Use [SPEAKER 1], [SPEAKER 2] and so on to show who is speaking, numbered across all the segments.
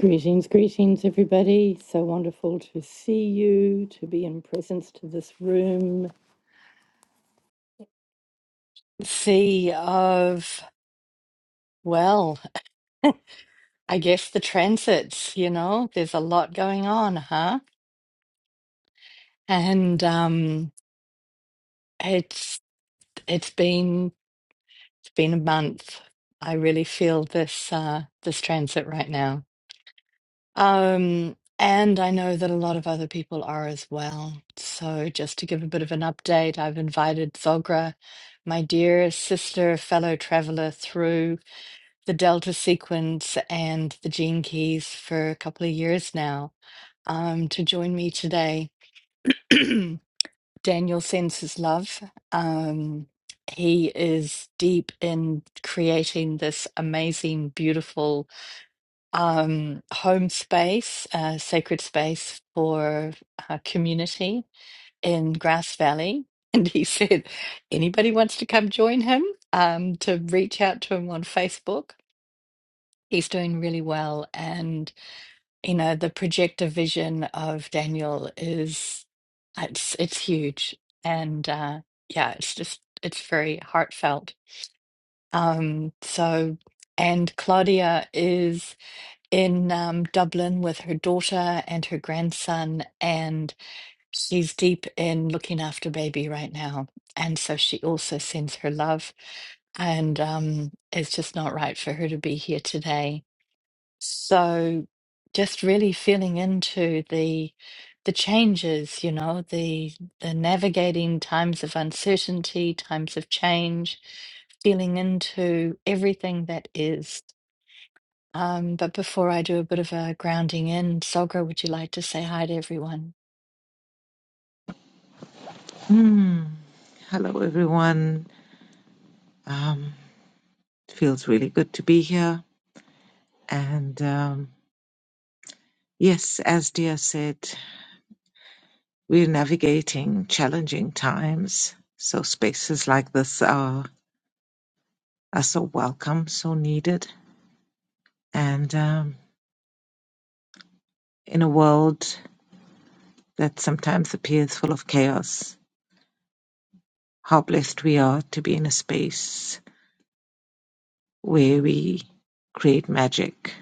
[SPEAKER 1] Greetings, greetings, everybody. So wonderful to see you, to be in presence to this room. See of, well, I guess the transits, you know, there's a lot going on, huh? And um it's it's been it's been a month. I really feel this uh this transit right now. Um, and I know that a lot of other people are as well. So, just to give a bit of an update, I've invited Zogra, my dear sister, fellow traveler through the Delta sequence and the gene keys for a couple of years now, um, to join me today. Daniel sends his love. Um, he is deep in creating this amazing, beautiful um, home space, uh, sacred space for uh, community in Grass Valley. And he said, anybody wants to come join him, um, to reach out to him on Facebook. He's doing really well. And, you know, the projector vision of Daniel is, uh, it's, it's huge. And uh, yeah, it's just, it's very heartfelt. Um, so, and Claudia is in um, Dublin with her daughter and her grandson, and she's deep in looking after baby right now. And so she also sends her love, and um, it's just not right for her to be here today. So just really feeling into the the changes, you know, the the navigating times of uncertainty, times of change, feeling into everything that is. Um, but before I do a bit of a grounding in, Sogra, would you like to say hi to everyone?
[SPEAKER 2] Hmm. Hello, everyone. Um, it feels really good to be here. And um, yes, as Dia said, we're navigating challenging times. So spaces like this are, are so welcome, so needed. And um, in a world that sometimes appears full of chaos, how blessed we are to be in a space where we create magic.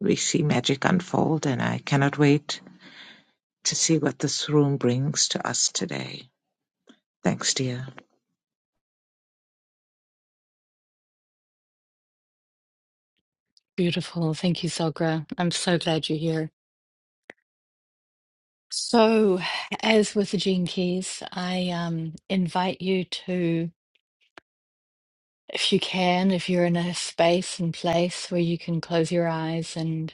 [SPEAKER 2] We see magic unfold, and I cannot wait to see what this room brings to us today. Thanks, dear.
[SPEAKER 1] Beautiful. Thank you, Sogra. I'm so glad you're here. So, as with the Gene Keys, I um, invite you to, if you can, if you're in a space and place where you can close your eyes and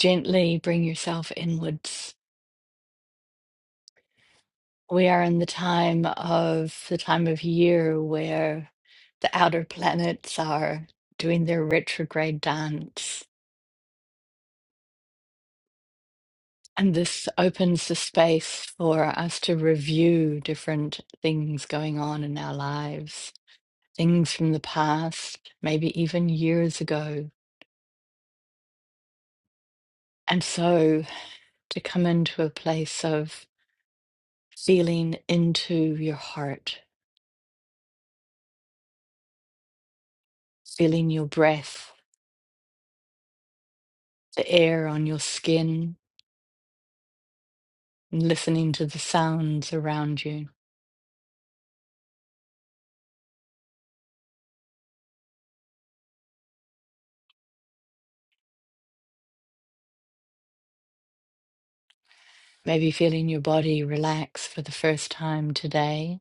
[SPEAKER 1] gently bring yourself inwards. We are in the time of the time of year where the outer planets are doing their retrograde dance And this opens the space for us to review different things going on in our lives, things from the past, maybe even years ago. And so to come into a place of feeling into your heart, feeling your breath, the air on your skin, and listening to the sounds around you, maybe feeling your body relax for the first time today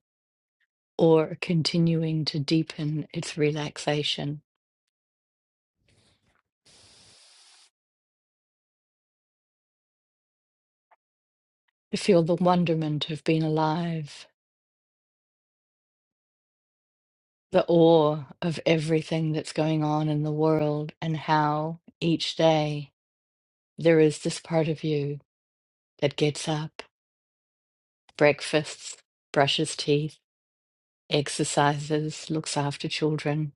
[SPEAKER 1] or continuing to deepen its relaxation to feel the wonderment of being alive, the awe of everything that's going on in the world, and how each day there is this part of you that gets up, breakfasts, brushes teeth, exercises, looks after children,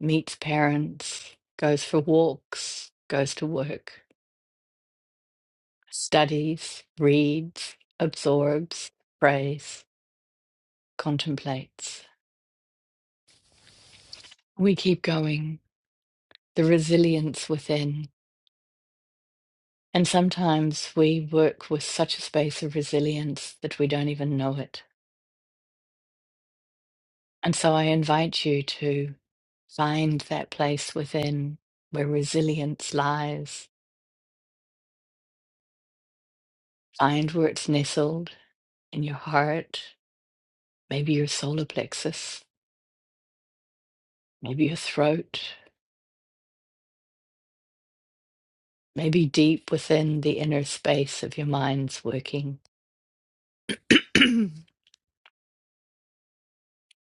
[SPEAKER 1] meets parents, goes for walks, goes to work, studies, reads, absorbs, prays, contemplates. We keep going. The resilience within And sometimes we work with such a space of resilience that we don't even know it. And so I invite you to find that place within where resilience lies, find where it's nestled in your heart, maybe your solar plexus, maybe your throat, maybe deep within the inner space of your mind's working.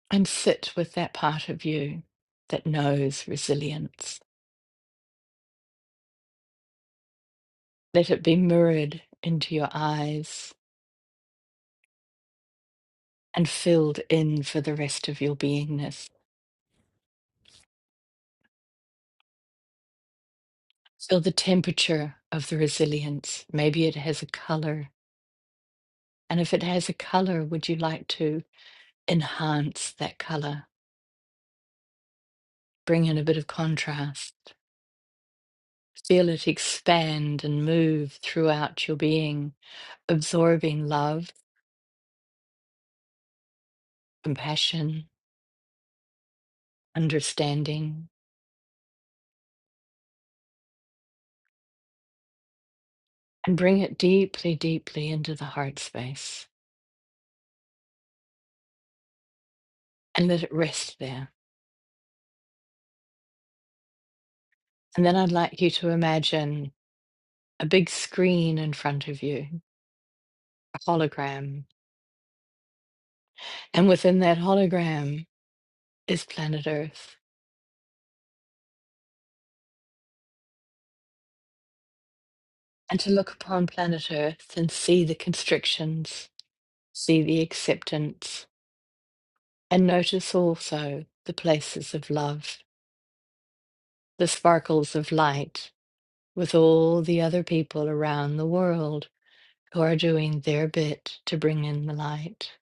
[SPEAKER 1] and sit with that part of you that knows resilience. Let it be mirrored into your eyes and filled in for the rest of your beingness. Feel the temperature of the resilience. Maybe it has a color. And if it has a color, would you like to enhance that color? Bring in a bit of contrast. Feel it expand and move throughout your being, absorbing love, compassion, understanding, and bring it deeply, deeply into the heart space and let it rest there. And then I'd like you to imagine a big screen in front of you, a hologram. And within that hologram is planet Earth. And to look upon planet Earth and see the constrictions, see the acceptance, and notice also the places of love, the sparkles of light with all the other people around the world who are doing their bit to bring in the light.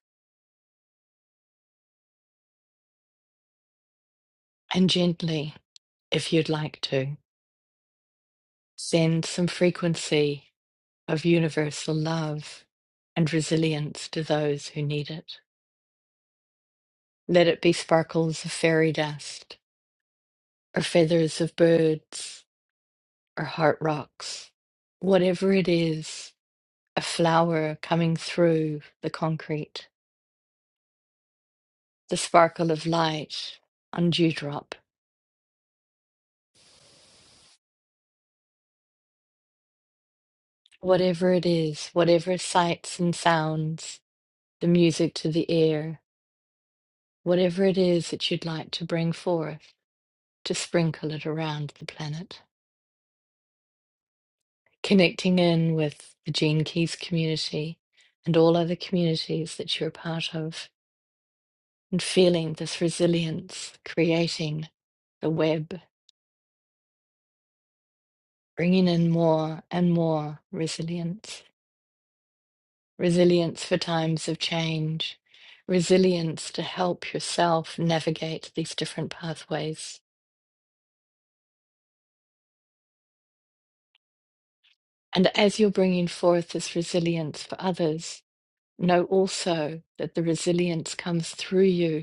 [SPEAKER 1] And gently, if you'd like to, send some frequency of universal love and resilience to those who need it. Let it be sparkles of fairy dust, or feathers of birds, or heart rocks, whatever it is, a flower coming through the concrete, the sparkle of light on dewdrop, whatever it is, whatever sights and sounds, the music to the ear, whatever it is that you'd like to bring forth to sprinkle it around the planet. connecting in with the Gene Keys community and all other communities that you're a part of, and feeling this resilience, creating the web, bringing in more and more resilience, resilience for times of change, resilience to help yourself navigate these different pathways. And as you're bringing forth this resilience for others, know also that the resilience comes through you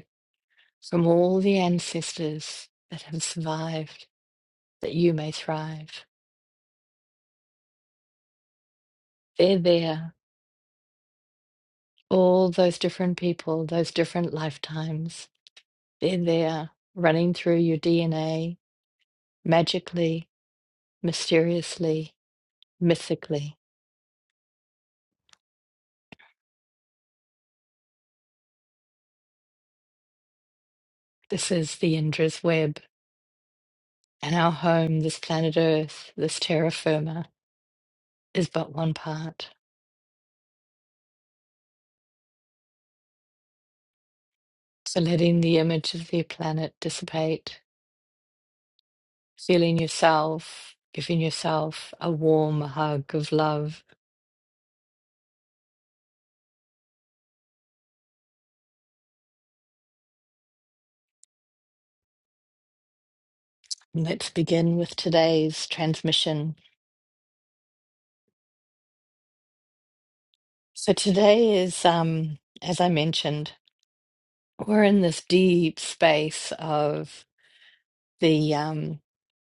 [SPEAKER 1] from all the ancestors that have survived, that you may thrive. They're there, all those different people, those different lifetimes. They're there, running through your DNA magically, mysteriously, mythically. This is the Indra's web, and our home, this planet Earth, this terra firma, is but one part. So letting the image of the planet dissipate feeling yourself, giving yourself a warm hug of love. Let's begin with today's transmission. So, today is, um, as I mentioned, we're in this deep space of the, um,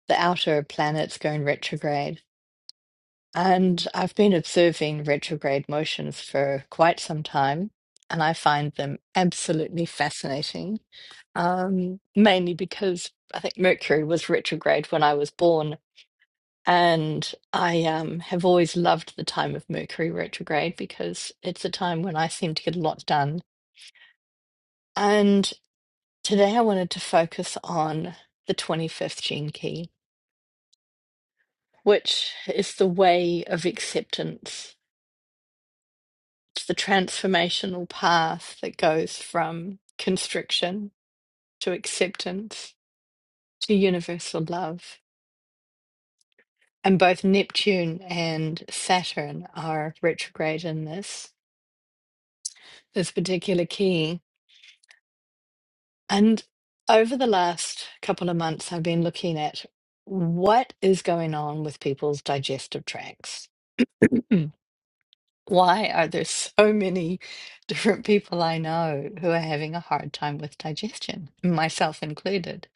[SPEAKER 1] the outer planets going retrograde. And I've been observing retrograde motions for quite some time, and I find them absolutely fascinating um, mainly because I think Mercury was retrograde when I was born, And I um, have always loved the time of Mercury retrograde because it's a time when I seem to get a lot done. And today I wanted to focus on the 25th gene key, which is the way of acceptance. It's the transformational path that goes from constriction to acceptance to universal love. And both Neptune and Saturn are retrograde in this this particular key And over the last couple of months, I've been looking at what is going on with people's digestive tracts. Mm. Why are there so many different people I know who are having a hard time with digestion, myself included?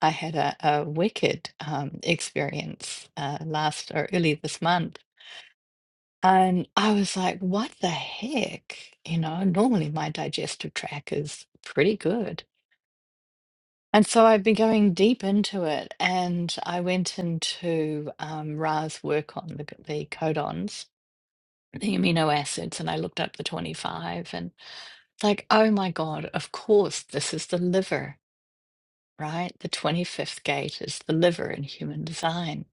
[SPEAKER 1] I had a, a wicked um, experience uh, last or early this month. And I was like, what the heck? You know, normally my digestive tract is pretty good. And so I've been going deep into it, and I went into um, Ra's work on the, the codons, the amino acids, and I looked up the 25 and it's like, oh my God, of course, this is the liver, right? The 25th gate is the liver in human design.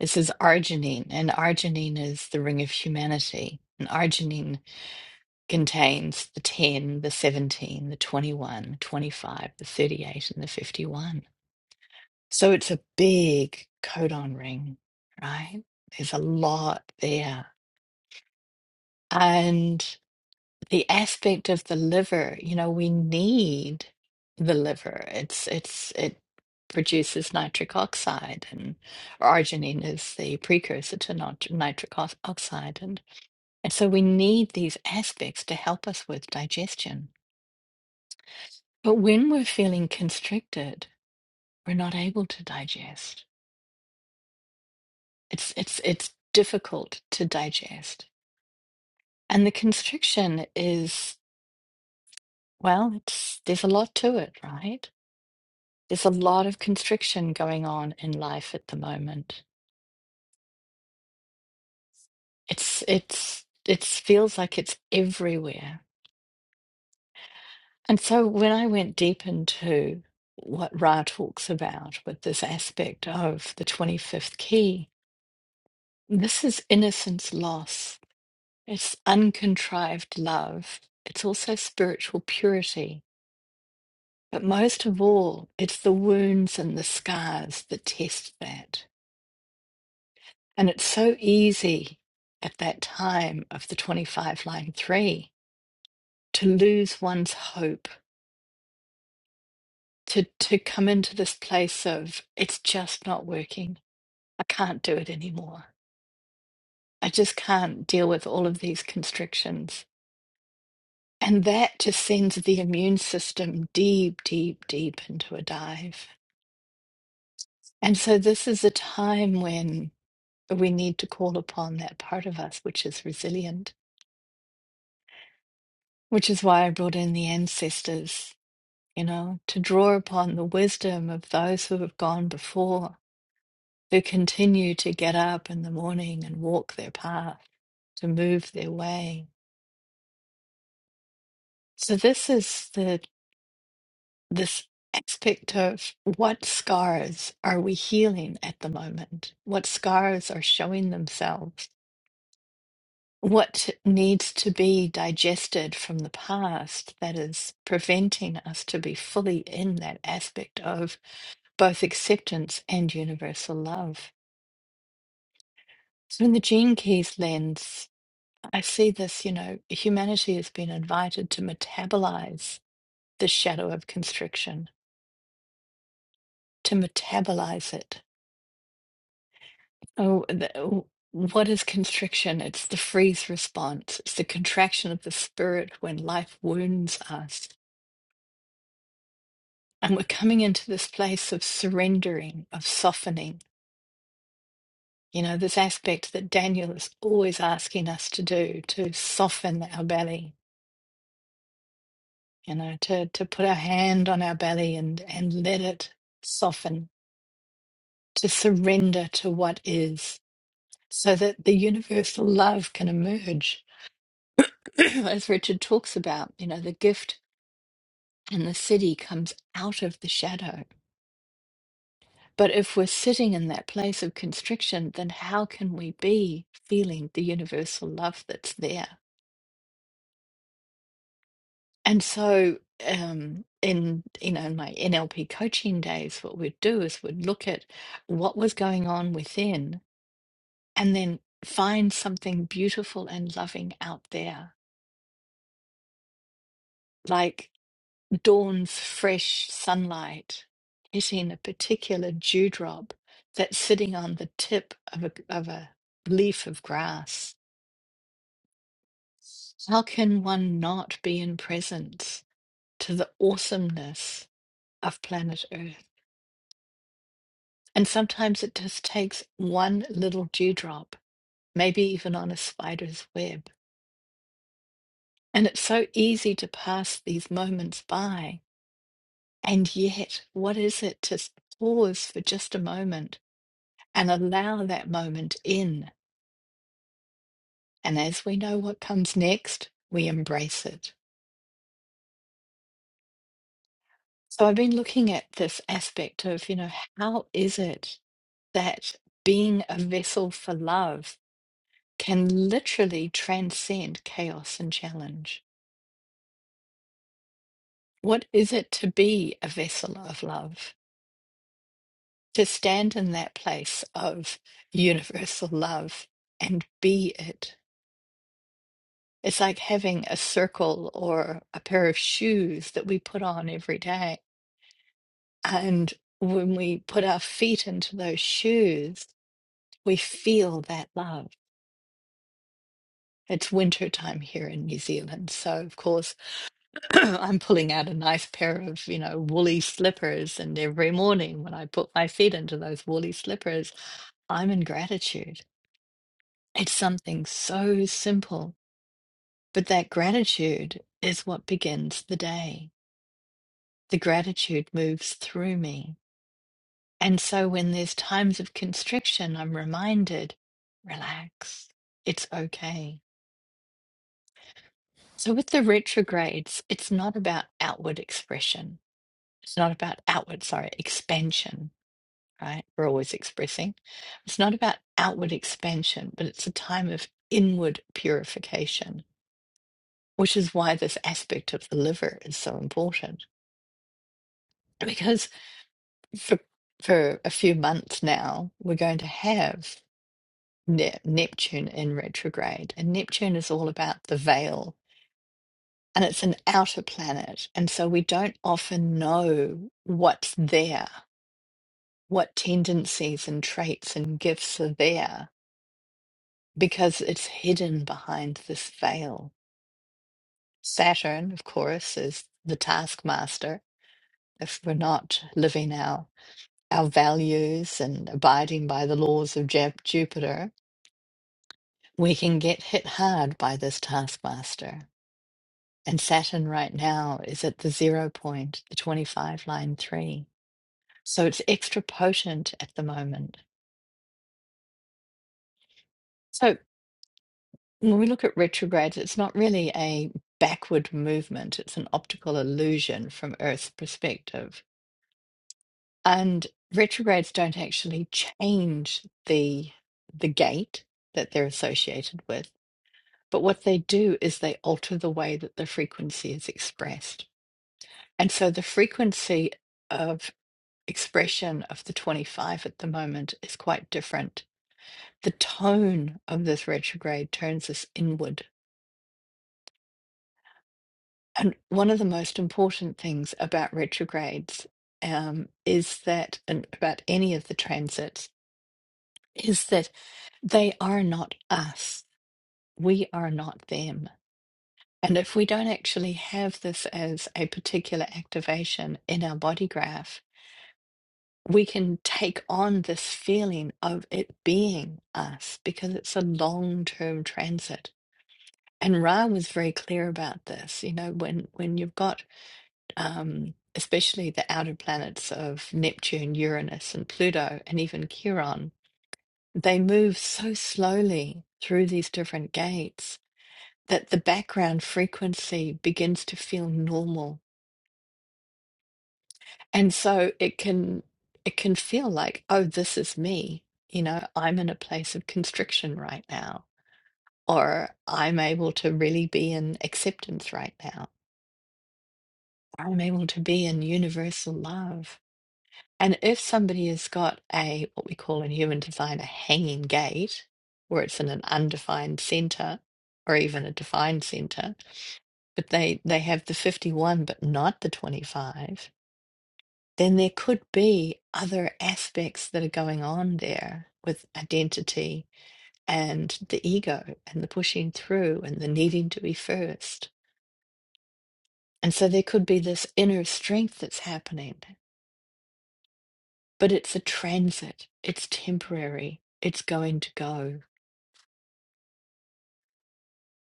[SPEAKER 1] This is arginine, and arginine is the ring of humanity. And arginine contains the 10, the 17, the 21, 25, the 38, and the 51. So it's a big codon ring, right? There's a lot there. And the aspect of the liver, you know, we need the liver. It's it's it produces nitric oxide and arginine is the precursor to nit- nitric ox- oxide and and so we need these aspects to help us with digestion. But when we're feeling constricted, we're not able to digest. It's it's it's difficult to digest. And the constriction is, well, it's there's a lot to it, right? There's a lot of constriction going on in life at the moment. It's it's it feels like it's everywhere. And so when I went deep into what Ra talks about with this aspect of the 25th key, this is innocence loss. It's uncontrived love. It's also spiritual purity But most of all, it's the wounds and the scars that test that. And it's so easy at that time of the 25 line three to lose one's hope, to, to come into this place of, it's just not working. I can't do it anymore. I just can't deal with all of these constrictions. And that just sends the immune system deep, deep, deep into a dive. And so this is a time when we need to call upon that part of us which is resilient, which is why I brought in the ancestors, you know, to draw upon the wisdom of those who have gone before, who continue to get up in the morning and walk their path, to move their way. So this is the this aspect of what scars are we healing at the moment? What scars are showing themselves? what needs to be digested from the past that is preventing us to be fully in that aspect of both acceptance and universal love. So, in the Gene Keys lens, I see this you know, humanity has been invited to metabolize the shadow of constriction, to metabolize it. Oh, the, what is constriction? It's the freeze response, it's the contraction of the spirit when life wounds us And we're coming into this place of surrendering, of softening. You know, this aspect that Daniel is always asking us to do, to soften our belly, you know, to, to put our hand on our belly and, and let it soften, to surrender to what is, so that the universal love can emerge. As Richard talks about, you know, the gift and the city comes out of the shadow But if we're sitting in that place of constriction, then how can we be feeling the universal love that's there? And so, um, in you know, in my NLP coaching days, what we'd do is we'd look at what was going on within, and then find something beautiful and loving out there, like dawn's fresh sunlight hitting a particular dewdrop that's sitting on the tip of a of a leaf of grass How can one not be in presence to the awesomeness of planet Earth? And sometimes it just takes one little dewdrop, maybe even on a spider's web. And it's so easy to pass these moments by. And yet, what is it to pause for just a moment and allow that moment in? And as we know what comes next, we embrace it. So I've been looking at this aspect of, you know, how is it that being a vessel for love can literally transcend chaos and challenge. What is it to be a vessel of love? To stand in that place of universal love and be it. It's like having a circle or a pair of shoes that we put on every day. And when we put our feet into those shoes, we feel that love. It's winter time here in New Zealand. So, of course, I'm pulling out a nice pair of, you know, woolly slippers. And every morning when I put my feet into those woolly slippers, I'm in gratitude. It's something so simple, but that gratitude is what begins the day. The gratitude moves through me. And so when there's times of constriction, I'm reminded, relax, it's okay. So with the retrogrades, it's not about outward expression. It's not about outward, sorry, expansion right? We're always expressing. It's not about outward expansion, but it's a time of inward purification, which is why this aspect of the liver is so important. Because for for a few months now, we're going to have ne- Neptune in retrograde, and Neptune is all about the veil. And it's an outer planet. And so we don't often know what's there, what tendencies and traits and gifts are there because it's hidden behind this veil. Saturn, of course, is the taskmaster. If we're not living our, our values and abiding by the laws of Jap- Jupiter, we can get hit hard by this taskmaster. And Saturn right now is at the zero point, the 25 line three. So it's extra potent at the moment. So. When we look at retrogrades, it's not really a backward movement, it's an optical illusion from Earth's perspective. And retrogrades don't actually change the the gate that they're associated with, but what they do is they alter the way that the frequency is expressed. And so the frequency of expression of the 25 at the moment is quite different. The tone of this retrograde turns us inward And one of the most important things about retrogrades um, is that, and about any of the transits, is that they are not us. We are not them. And if we don't actually have this as a particular activation in our body graph, we can take on this feeling of it being us because it's a long term transit. And Ra was very clear about this. You know, when, when you've got um, especially the outer planets of Neptune, Uranus, and Pluto, and even Chiron, they move so slowly through these different gates that the background frequency begins to feel normal. And so it can it can feel like, oh, this is me. You know, I'm in a place of constriction right now, or I'm able to really be in acceptance right now. I'm able to be in universal love And if somebody has got a, what we call in human design, a hanging gate, where it's in an undefined center or even a defined center, but they, they have the 51 but not the 25, then there could be other aspects that are going on there with identity and the ego and the pushing through and the needing to be first. And so there could be this inner strength that's happening but it's a transit, it's temporary, it's going to go.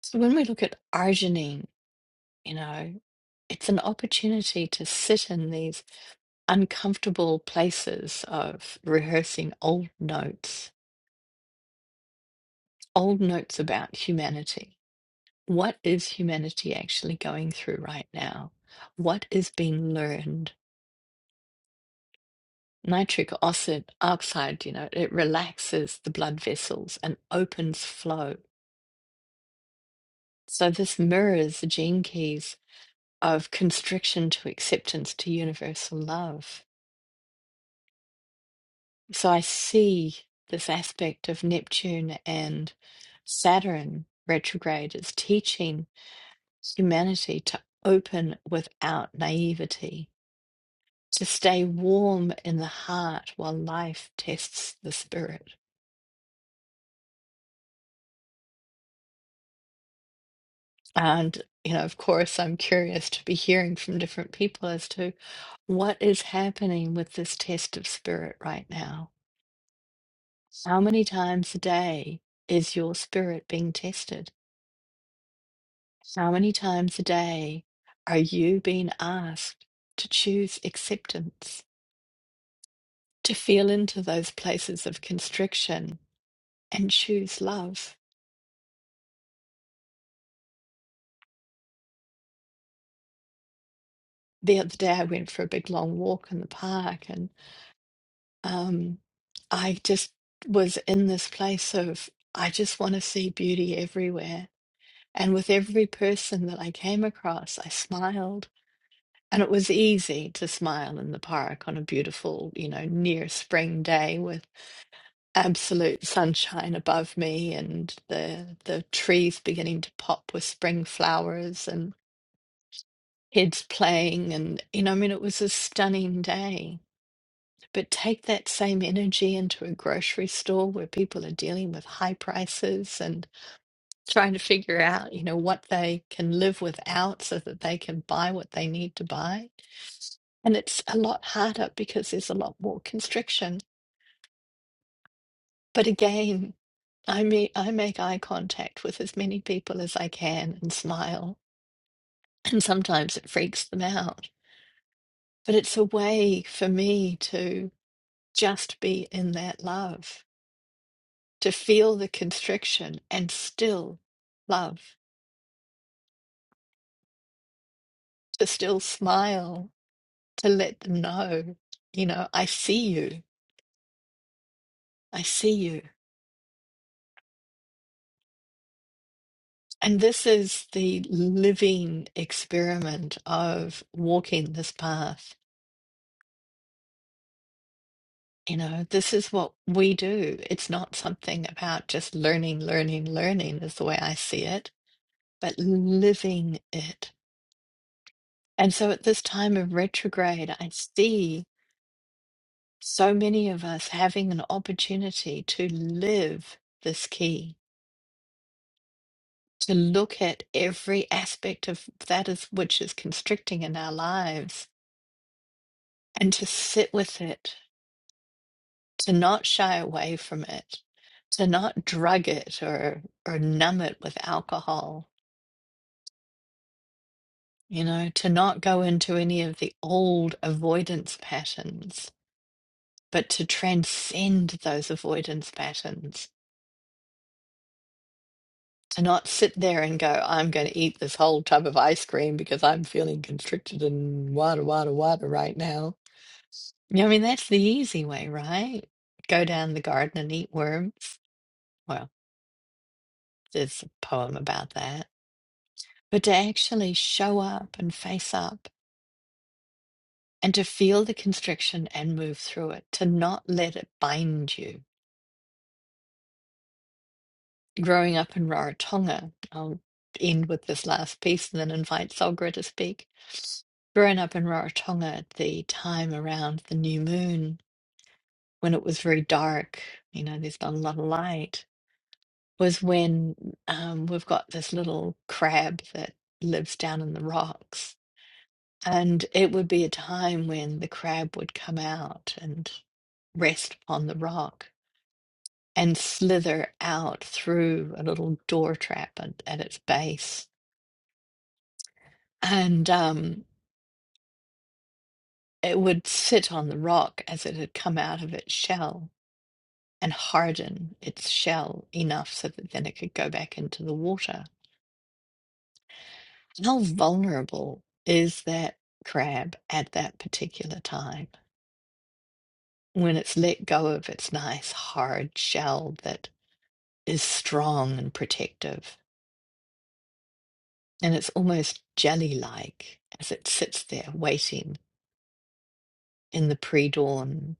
[SPEAKER 1] So when we look at arginine, you know, it's an opportunity to sit in these uncomfortable places of rehearsing old notes, old notes about humanity. What is humanity actually going through right now? What is being learned? Nitric oxide, oxide, you know, it relaxes the blood vessels and opens flow. So this mirrors the gene keys of constriction to acceptance to universal love. So I see this aspect of Neptune and Saturn retrograde as teaching humanity to open without naivety, to stay warm in the heart while life tests the spirit. And, you know, of course, I'm curious to be hearing from different people as to what is happening with this test of spirit right now How many times a day is your spirit being tested? How many times a day are you being asked to choose acceptance, to feel into those places of constriction and choose love? The other day, I went for a big long walk in the park and um, I just was in this place of, I just want to see beauty everywhere. And with every person that I came across, I smiled. And it was easy to smile in the park on a beautiful, you know, near spring day with absolute sunshine above me and the the trees beginning to pop with spring flowers and kids playing and you know, I mean it was a stunning day. But take that same energy into a grocery store where people are dealing with high prices and trying to figure out, you know, what they can live without so that they can buy what they need to buy And it's a lot harder because there's a lot more constriction. But again, I meet, I make eye contact with as many people as I can and smile. And sometimes it freaks them out. But it's a way for me to just be in that love, to feel the constriction and still love, to still smile, to let them know, you know, I see you. I see you. And this is the living experiment of walking this path. You know, this is what we do. It's not something about just learning, learning, learning, is the way I see it, but living it. And so at this time of retrograde, I see so many of us having an opportunity to live this key, to look at every aspect of that is, which is constricting in our lives and to sit with it to not shy away from it, to not drug it or or numb it with alcohol, you know, to not go into any of the old avoidance patterns, but to transcend those avoidance patterns. To not sit there and go, I'm going to eat this whole tub of ice cream because I'm feeling constricted and wada, wada, wada right now. You know, I mean, that's the easy way, right? Go down the garden and eat worms. Well, there's a poem about that but to actually show up and face up and to feel the constriction and move through it, to not let it bind you. Growing up in Rarotonga, I'll end with this last piece and then invite Solgra to speak. Growing up in Rarotonga at the time around the new moon, when it was very dark, you know, there's not a lot of light, was when um, we've got this little crab that lives down in the rocks And it would be a time when the crab would come out and rest upon the rock and slither out through a little door trap at, at its base. And um, it would sit on the rock as it had come out of its shell and harden its shell enough so that then it could go back into the water. How vulnerable is that crab at that particular time when it's let go of its nice hard shell that? is strong and protective, and it's almost jelly like as it sits there waiting in the pre dawn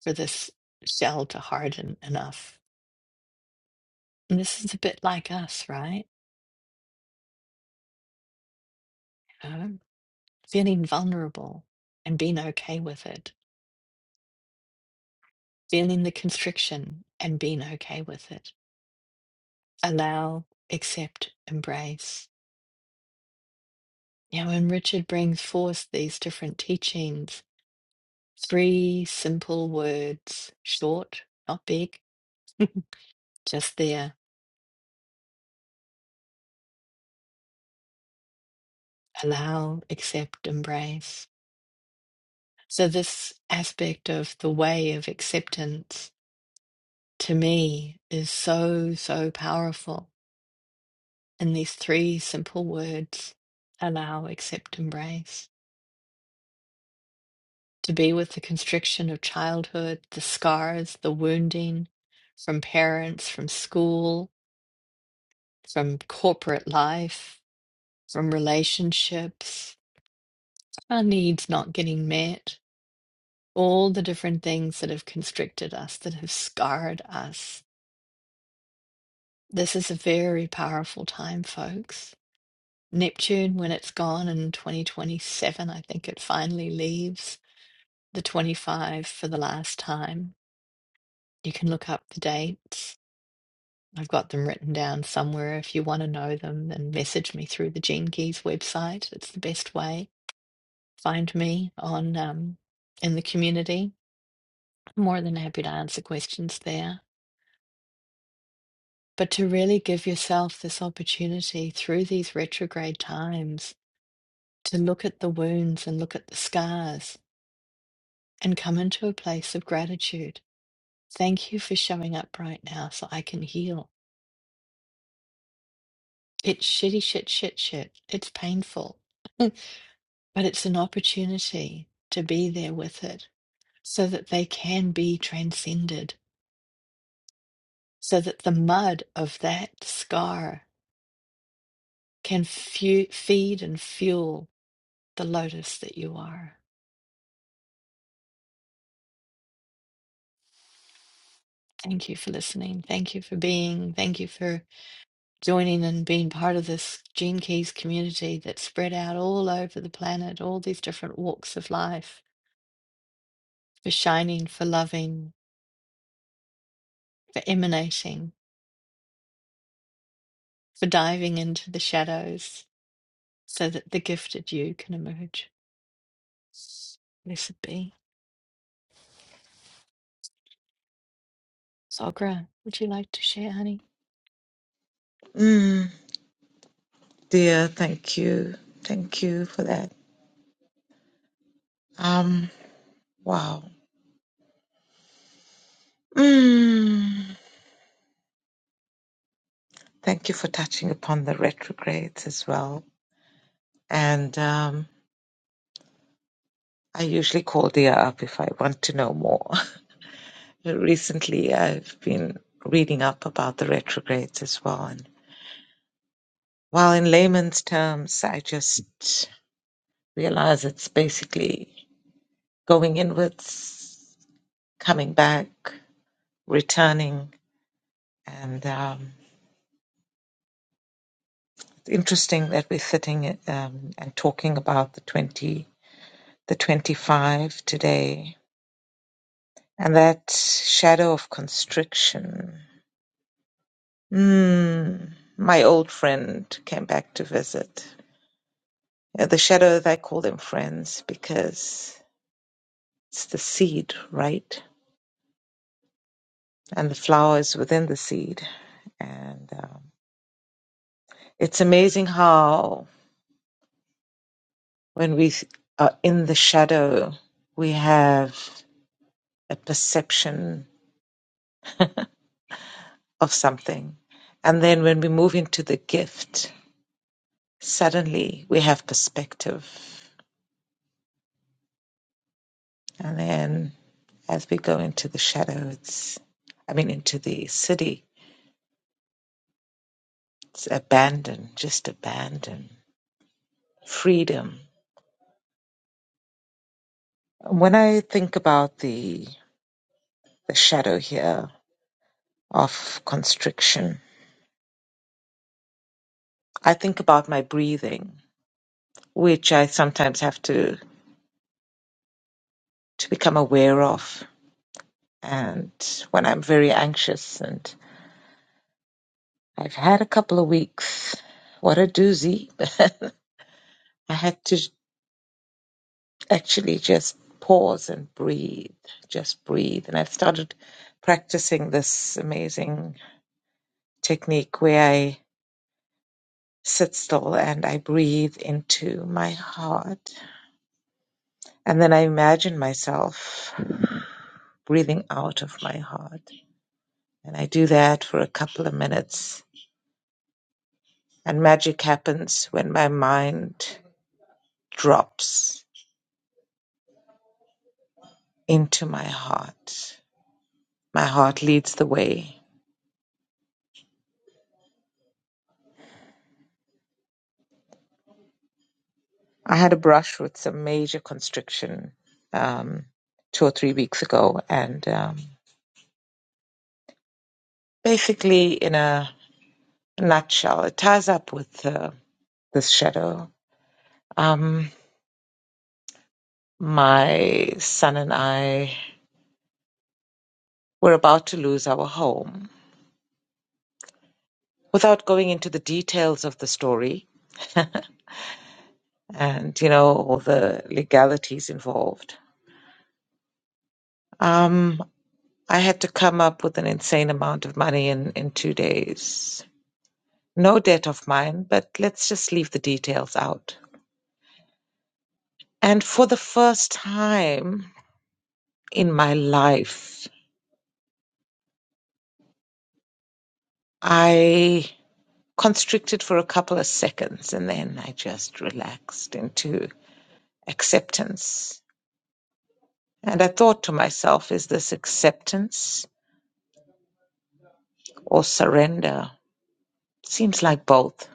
[SPEAKER 1] for this shell to harden enough. And this is a bit like us, right? You know, feeling vulnerable and being okay with it, feeling the constriction and being okay with it. Allow, accept, embrace. You know, and Richard brings forth these different teachings, three simple words, short, not big, just there, allow, accept, embrace. So, this aspect of the way of acceptance to me is so, so powerful in these three simple words allow, accept, embrace. To be with the constriction of childhood, the scars, the wounding from parents, from school, from corporate life, from relationships. Our needs not getting met, all the different things that have constricted us, that have scarred us. This is a very powerful time, folks. Neptune, when it's gone in 2027, I think it finally leaves the 25 for the last time. You can look up the dates. I've got them written down somewhere. If you want to know them, then message me through the Gene Keys website. It's the best way. Find me on um, in the community. I'm More than happy to answer questions there. but to really give yourself this opportunity through these retrograde times to look at the wounds and look at the scars and come into a place of gratitude. Thank you for showing up right now so I can heal. It's shitty, shit, shit, shit. It's painful, but it's an opportunity to be there with it so that they can be transcended, so that the mud of that scar can fu- feed and fuel the lotus that you are. Thank you for listening. Thank you for being. Thank you for joining and being part of this Gene Keys community that's spread out all over the planet, all these different walks of life, for shining, for loving, for emanating, for diving into the shadows so that the gifted you can emerge. Blessed be. Sogra, would you like to share, honey?
[SPEAKER 2] Mm, dear, thank you. Thank you for that. Um, wow. Mm, thank you for touching upon the retrogrades as well. And um, I usually call dear up if I want to know more. Recently, I've been reading up about the retrogrades as well. And while in layman's terms, I just realize it's basically going inwards coming back, returning, and um, it's interesting that we're sitting um, and talking about the twenty, the twenty-five today, and that shadow of constriction. Mm, my old friend came back to visit. Uh, The shadow, I call them friends because it's the seed, right? And the flower is within the seed, and um, it's amazing how. When we are in the shadow, we have a perception of something. And then when we move into the gift, suddenly we have perspective. And then as we go into the shadow, it's, I mean, into the city, it's abandon, just abandon, freedom. When I think about the, the shadow here of constriction, I think about my breathing, which I sometimes have to to become aware of. And when I'm very anxious, and I've had a couple of weeks, what a doozy, but I had to actually just pause and breathe, just breathe. And I've started practicing this amazing technique where I sit still and I breathe into my heart. And then I imagine myself breathing out of my heart. And I do that for a couple of minutes And magic happens when my mind drops into my heart. My heart leads the way. I had a brush with some major constriction um, two or three weeks ago, and um, basically, in a nutshell, it ties up with uh, this shadow. Um, my son and I were about to lose our home. Without going into the details of the story, and you know all the legalities involved. Um, I had to come up with an insane amount of money in in two days. No debt of mine, but let's just leave the details out. And for the first time in my life, I constricted for a couple of seconds and then I just relaxed into acceptance. And I thought to myself, is this acceptance or surrender? Seems like both.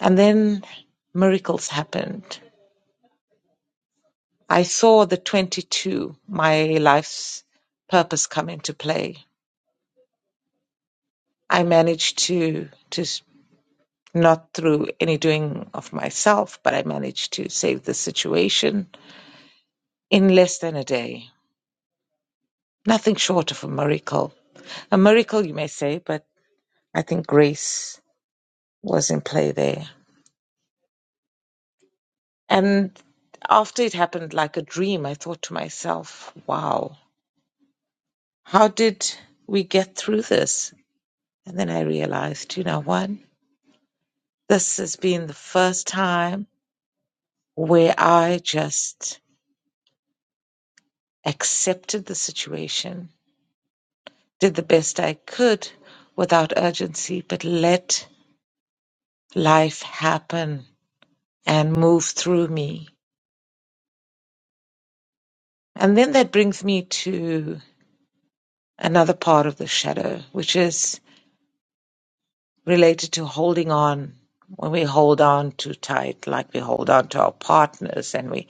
[SPEAKER 2] And then miracles happened. I saw the 22, my life's purpose come into play. I managed to, to s- not through any doing of myself, but I managed to save the situation in less than a day. Nothing short of a miracle. A miracle, you may say, but I think grace was in play there. And after it happened like a dream, I thought to myself, wow, how did we get through this? And then I realized, you know what? This has been the first time where I just accepted the situation, did the best I could without urgency, but let life happen and move through me. And then that brings me to another part of the shadow, which is related to holding on. When we hold on too tight, like we hold on to our partners and we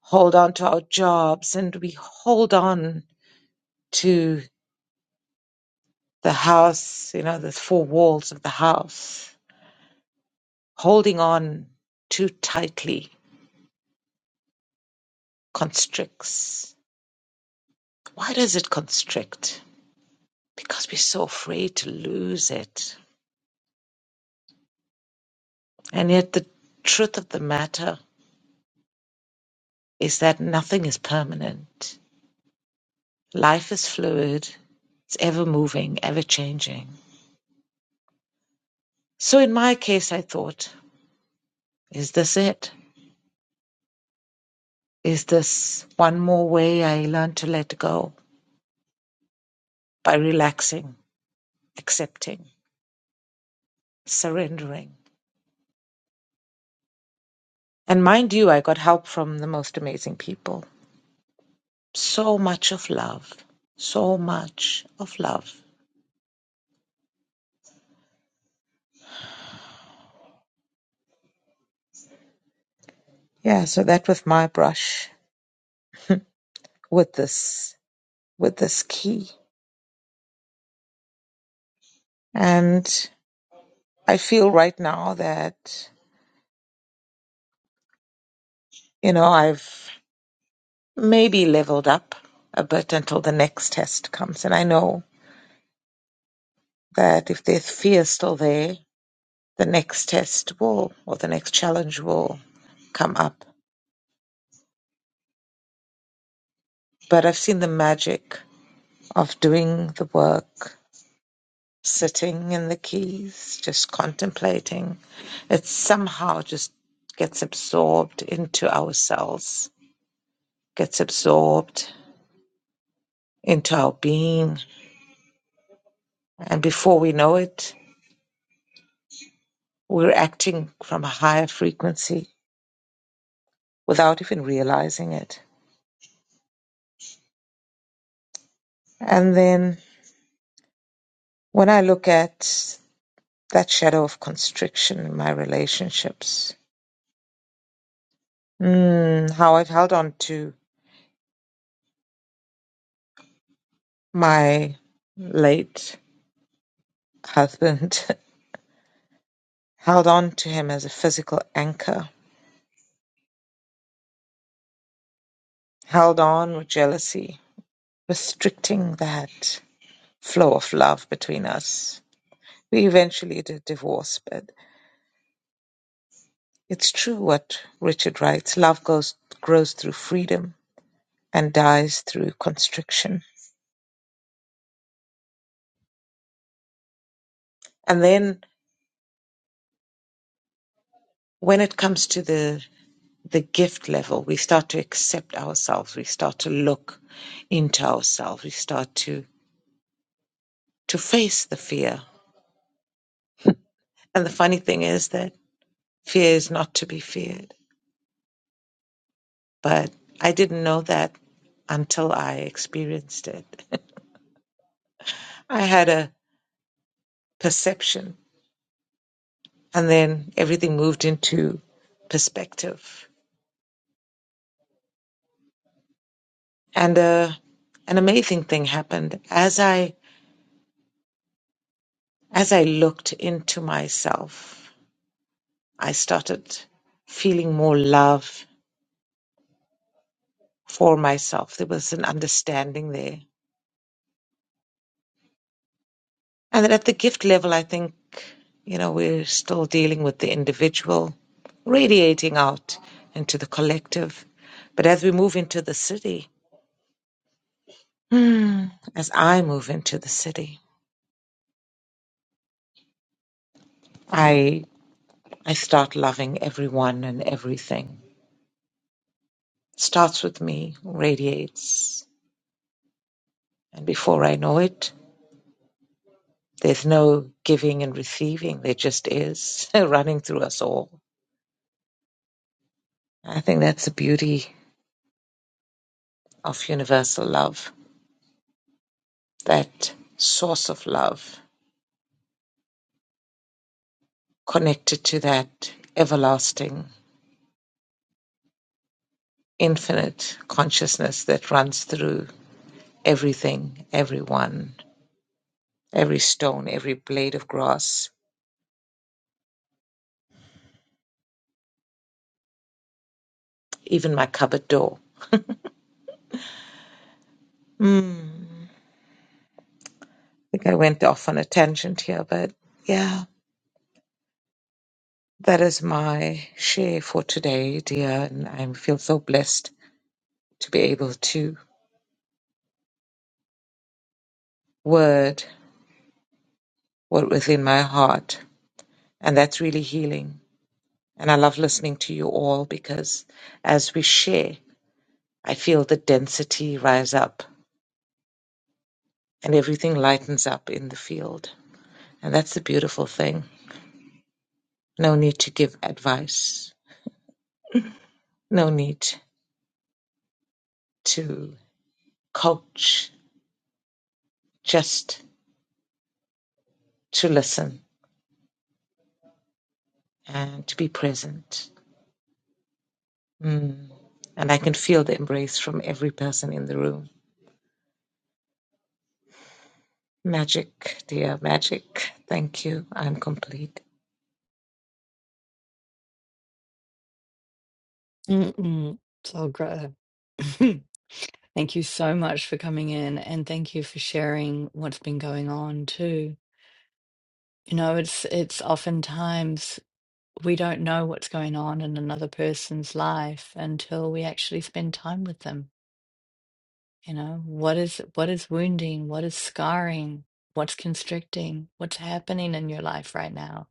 [SPEAKER 2] hold on to our jobs and we hold on to the house, you know, the four walls of the house, holding on too tightly constricts. Why does it constrict? Because we're so afraid to lose it. And yet, the truth of the matter is that nothing is permanent. Life is fluid, it's ever moving, ever changing. So, in my case, I thought, is this it? Is this one more way I learn to let go by relaxing, accepting? surrendering. And mind you, I got help from the most amazing people. So much of love. So much of love. Yeah, so that was my brush with this with this key. And I feel right now that, you know, I've maybe leveled up a bit until the next test comes. And I know that if there's fear still there, the next test will or the next challenge will come up. But I've seen the magic of doing the work, sitting in the keys, just contemplating. It somehow just gets absorbed into ourselves, gets absorbed into our being. And before we know it, we're acting from a higher frequency without even realizing it. And then when I look at that shadow of constriction in my relationships, mm, how I've held on to my late husband held on to him as a physical anchor, held on with jealousy, restricting that flow of love between us. We eventually did divorce, but it's true what Richard writes love goes, grows through freedom and dies through constriction. And then when it comes to the the gift level, we start to accept ourselves, we start to look into ourselves, we start to to face the fear. And the funny thing is that Fear is not to be feared. But I didn't know that until I experienced it. I had a perception, and then everything moved into perspective. And uh, an amazing thing happened as I as I looked into myself. I started feeling more love for myself. There was an understanding there And then at the gift level, I think, you know, we're still dealing with the individual radiating out into the collective. But as we move into the city, hmm, as I move into the city, I I start loving everyone and everything. Starts with me, radiates. And before I know it, there's no giving and receiving. There just is running through us all. I think that's the beauty of universal love. that source of love, connected to that everlasting, infinite consciousness that runs through everything, everyone, every stone, every blade of grass, even my cupboard door. Hmm. I think I went off on a tangent here, but yeah, that is my share for today, dear. And I feel so blessed to be able to word what within my heart. And that's really healing And I love listening to you all because as we share, I feel the density rise up and everything lightens up in the field. And that's the beautiful thing. No need to give advice, no need to coach, just to listen and to be present. Mm. And I can feel the embrace from every person in the room. Magic, dear magic. Thank you. I'm complete.
[SPEAKER 1] Mm-mm. So great. thank you so much for coming in and thank you for sharing what's been going on too. You know, it's it's oftentimes we don't know what's going on in another person's life until we actually spend time with them. You know, what is what is wounding, what is scarring, what's constricting, what's happening in your life right now.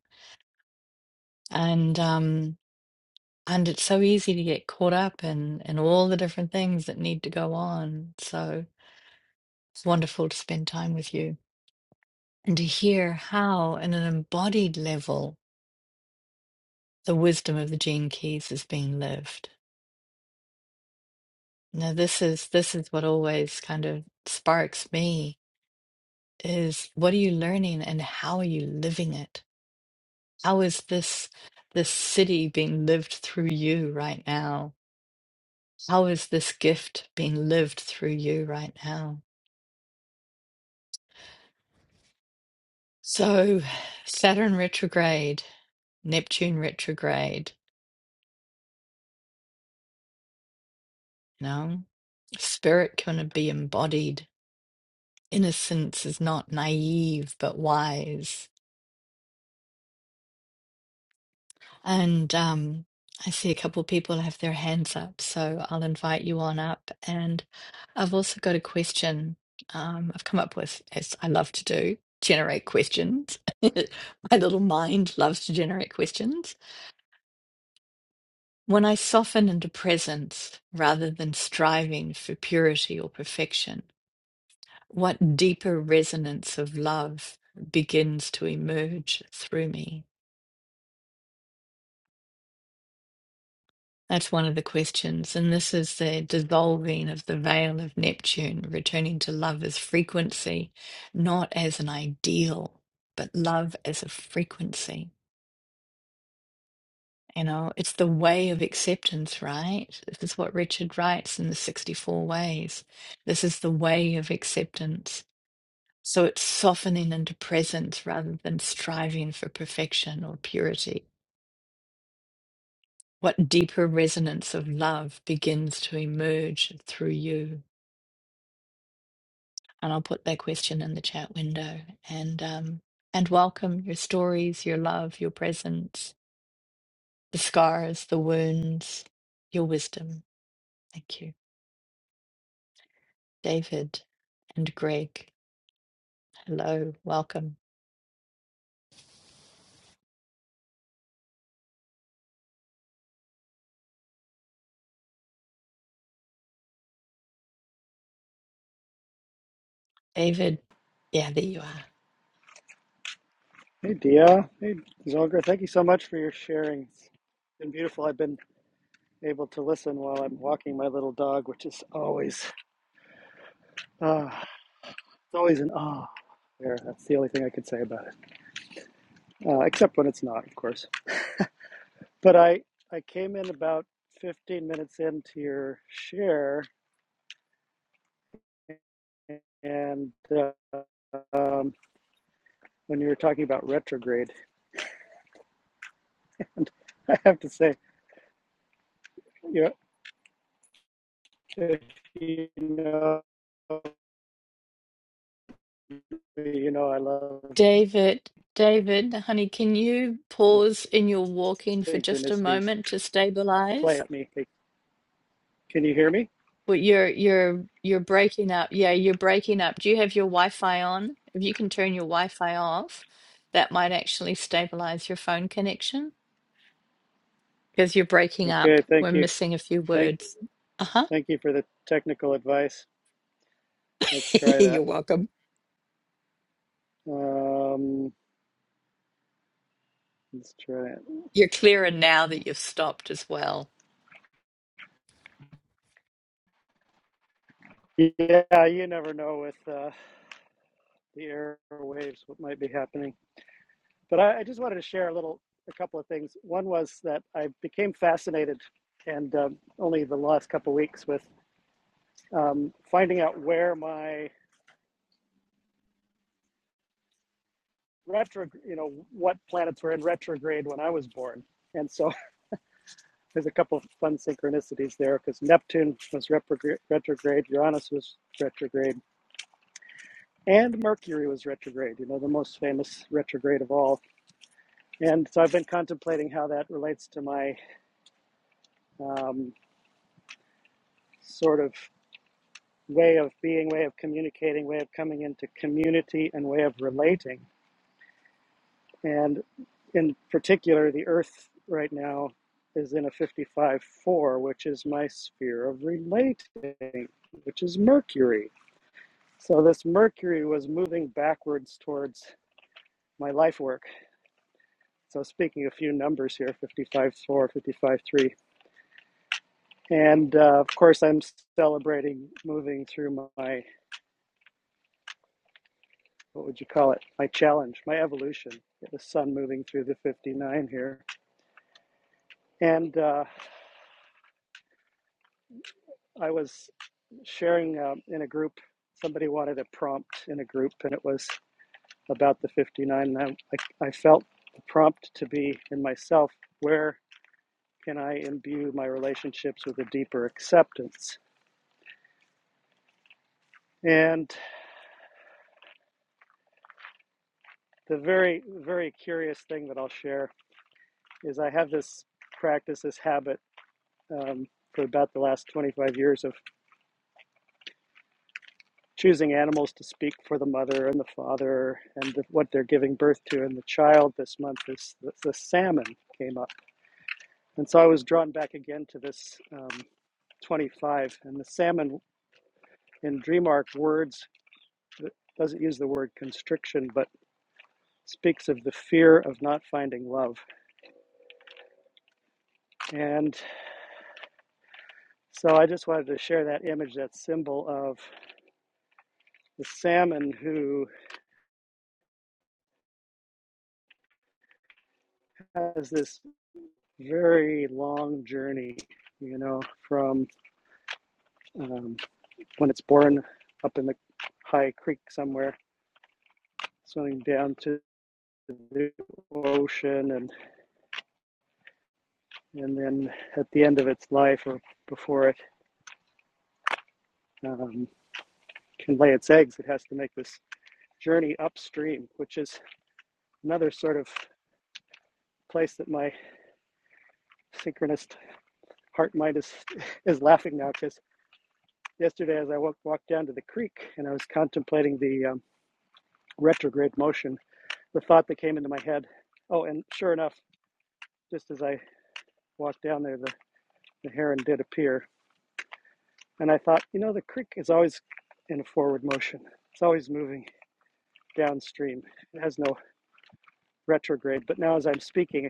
[SPEAKER 1] And um and it's so easy to get caught up in in all the different things that need to go on. So it's wonderful to spend time with you and to hear how, in an embodied level, the wisdom of the gene keys is being lived. Now this is this is what always kind of sparks me is what are you learning and how are you living it? How is this this city being lived through you right now? How is this gift being lived through you right now? So Saturn retrograde, Neptune retrograde, you know, spirit can be embodied. Innocence is not naive but wise And um, I see a couple people have their hands up, so I'll invite you on up. And I've also got a question um, I've come up with, as I love to do, generate questions. My little mind loves to generate questions. When I soften into presence rather than striving for purity or perfection, what deeper resonance of love begins to emerge through me? That's one of the questions. And this is the dissolving of the veil of Neptune, returning to love as frequency, not as an ideal, but love as a frequency. You know, it's the way of acceptance, right? This is what Richard writes in the 64 Ways. This is the way of acceptance. So it's softening into presence rather than striving for perfection or purity. What deeper resonance of love begins to emerge through you? and I'll put that question in the chat window. And um, and welcome your stories, your love, your presence, the scars, the wounds, your wisdom. Thank you, David and Greg. Hello, welcome, David. Yeah, there you are,
[SPEAKER 3] Hey, Dia. Hey, Zolgar. Thank you so much for your sharing. It's been beautiful. I've been able to listen while I'm walking my little dog, which is always, uh, it's always an ah there. That's the only thing I could say about it, uh, except when it's not, of course. But I, I came in about 15 minutes into your share, and uh, um, when you were talking about retrograde, and I have to say, you know, if you know, you know, I love
[SPEAKER 1] David. David, honey, can you
[SPEAKER 3] with
[SPEAKER 1] pause in your walking for just a
[SPEAKER 3] synchronicities
[SPEAKER 1] moment to stabilize?
[SPEAKER 3] play at me. Hey, Can you hear me?
[SPEAKER 1] But you're you're you're breaking up. Yeah, you're breaking up. Do you have your Wi-Fi on? If you can turn your Wi-Fi off, that might actually stabilize your phone connection because you're breaking up.
[SPEAKER 3] Okay,
[SPEAKER 1] We're
[SPEAKER 3] thank you.
[SPEAKER 1] missing a few
[SPEAKER 3] Thank,
[SPEAKER 1] words. Uh-huh.
[SPEAKER 3] thank you for the technical advice. Let's try
[SPEAKER 1] You're
[SPEAKER 3] that.
[SPEAKER 1] welcome.
[SPEAKER 3] Um, let's try
[SPEAKER 1] You're clearer now that you've stopped as well.
[SPEAKER 3] it. Yeah, you never know with uh, the airwaves what might be happening. But I, I just wanted to share a little, a couple of things. One was that I became fascinated, and um, only the last couple of weeks with um, finding out where my retro, you know, what planets were in retrograde when I was born. And so there's a couple of fun synchronicities there because Neptune was retrograde, Uranus was retrograde, and Mercury was retrograde, you know, the most famous retrograde of all. And so I've been contemplating how that relates to my um, sort of way of being, way of communicating, way of coming into community, and way of relating. And in particular, the Earth right now is in a 55 4, which is my sphere of relating, which is Mercury So this Mercury was moving backwards towards my life work. So speaking a few numbers here, 55.4, 55.3. And uh, of course, I'm celebrating moving through my, what would you call it? My challenge, my evolution. The sun moving through the 59 here. And uh, I was sharing um, in a group, somebody wanted a prompt in a group, and it was about the 59. And I, I, I felt the prompt to be in myself where can I imbue my relationships with a deeper acceptance? And the very, very curious thing that I'll share is I have this practice, this habit um, for about the last 25 years of choosing animals to speak for the mother and the father and the, what they're giving birth to. And the child this month is the, the salmon came up. And so I was drawn back again to this um, 25. And the salmon in DreamArc words doesn't use the word constriction, but speaks of the fear of not finding love. And so I just wanted to share that image, that symbol of the salmon who has this very long journey, you know, from um, when it's born up in the high creek somewhere, swimming down to the ocean, and, and then at the end of its life or before it um, can lay its eggs, it has to make this journey upstream, which is another sort of place that my synchronous heart mind is, is laughing now because yesterday as I walked, walked down to the creek and I was contemplating the um, retrograde motion, the thought that came into my head, oh, and sure enough, just as I walked down there, the, the heron did appear. And I thought, you know, the creek is always in a forward motion. It's always moving downstream. It has no retrograde. But now as I'm speaking,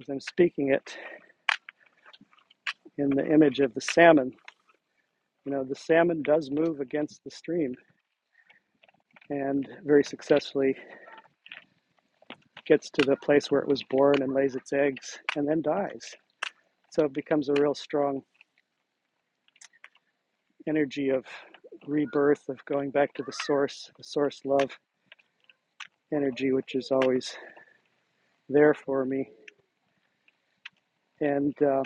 [SPEAKER 3] as I'm speaking it in the image of the salmon, you know, the salmon does move against the stream and very successfully gets to the place where it was born and lays its eggs and then dies. So it becomes a real strong energy of rebirth, of going back to the source, the source love energy, which is always there for me. And uh,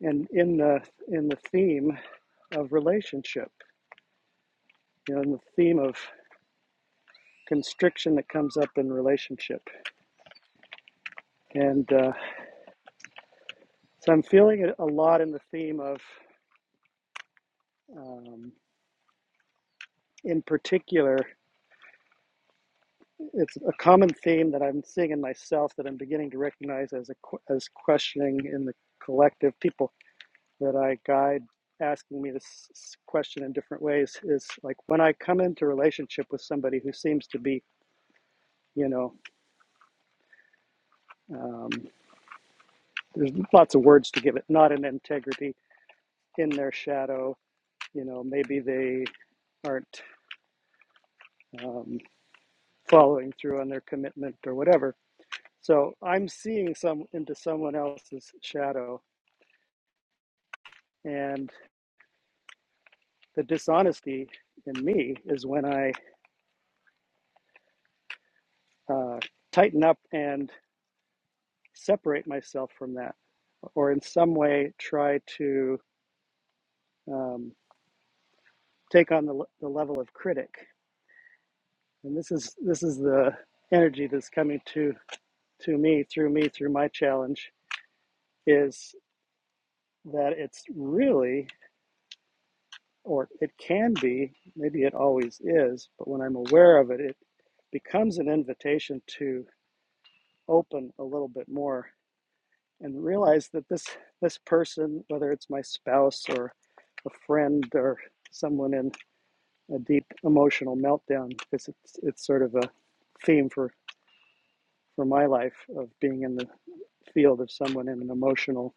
[SPEAKER 3] and in the in the theme of relationship, you know, in the theme of constriction that comes up in relationship, and uh, so I'm feeling it a lot in the theme of, um, in particular, it's a common theme that I'm seeing in myself that I'm beginning to recognize as a as questioning in the collective people that I guide asking me this question in different ways is like when I come into a relationship with somebody who seems to be you know um, there's lots of words to give it not in integrity in their shadow you know maybe they aren't um, following through on their commitment or whatever so I'm seeing some into someone else's shadow and the dishonesty in me is when I uh, tighten up and separate myself from that, or in some way try to um, take on the, le- the level of critic. And this is this is the energy that's coming to to me through me through my challenge is that it's really or it can be maybe it always is but when i'm aware of it it becomes an invitation to open a little bit more and realize that this this person, whether it's my spouse or a friend or someone in a deep emotional meltdown, because it's it's sort of a theme for for my life of being in the field of someone in an emotional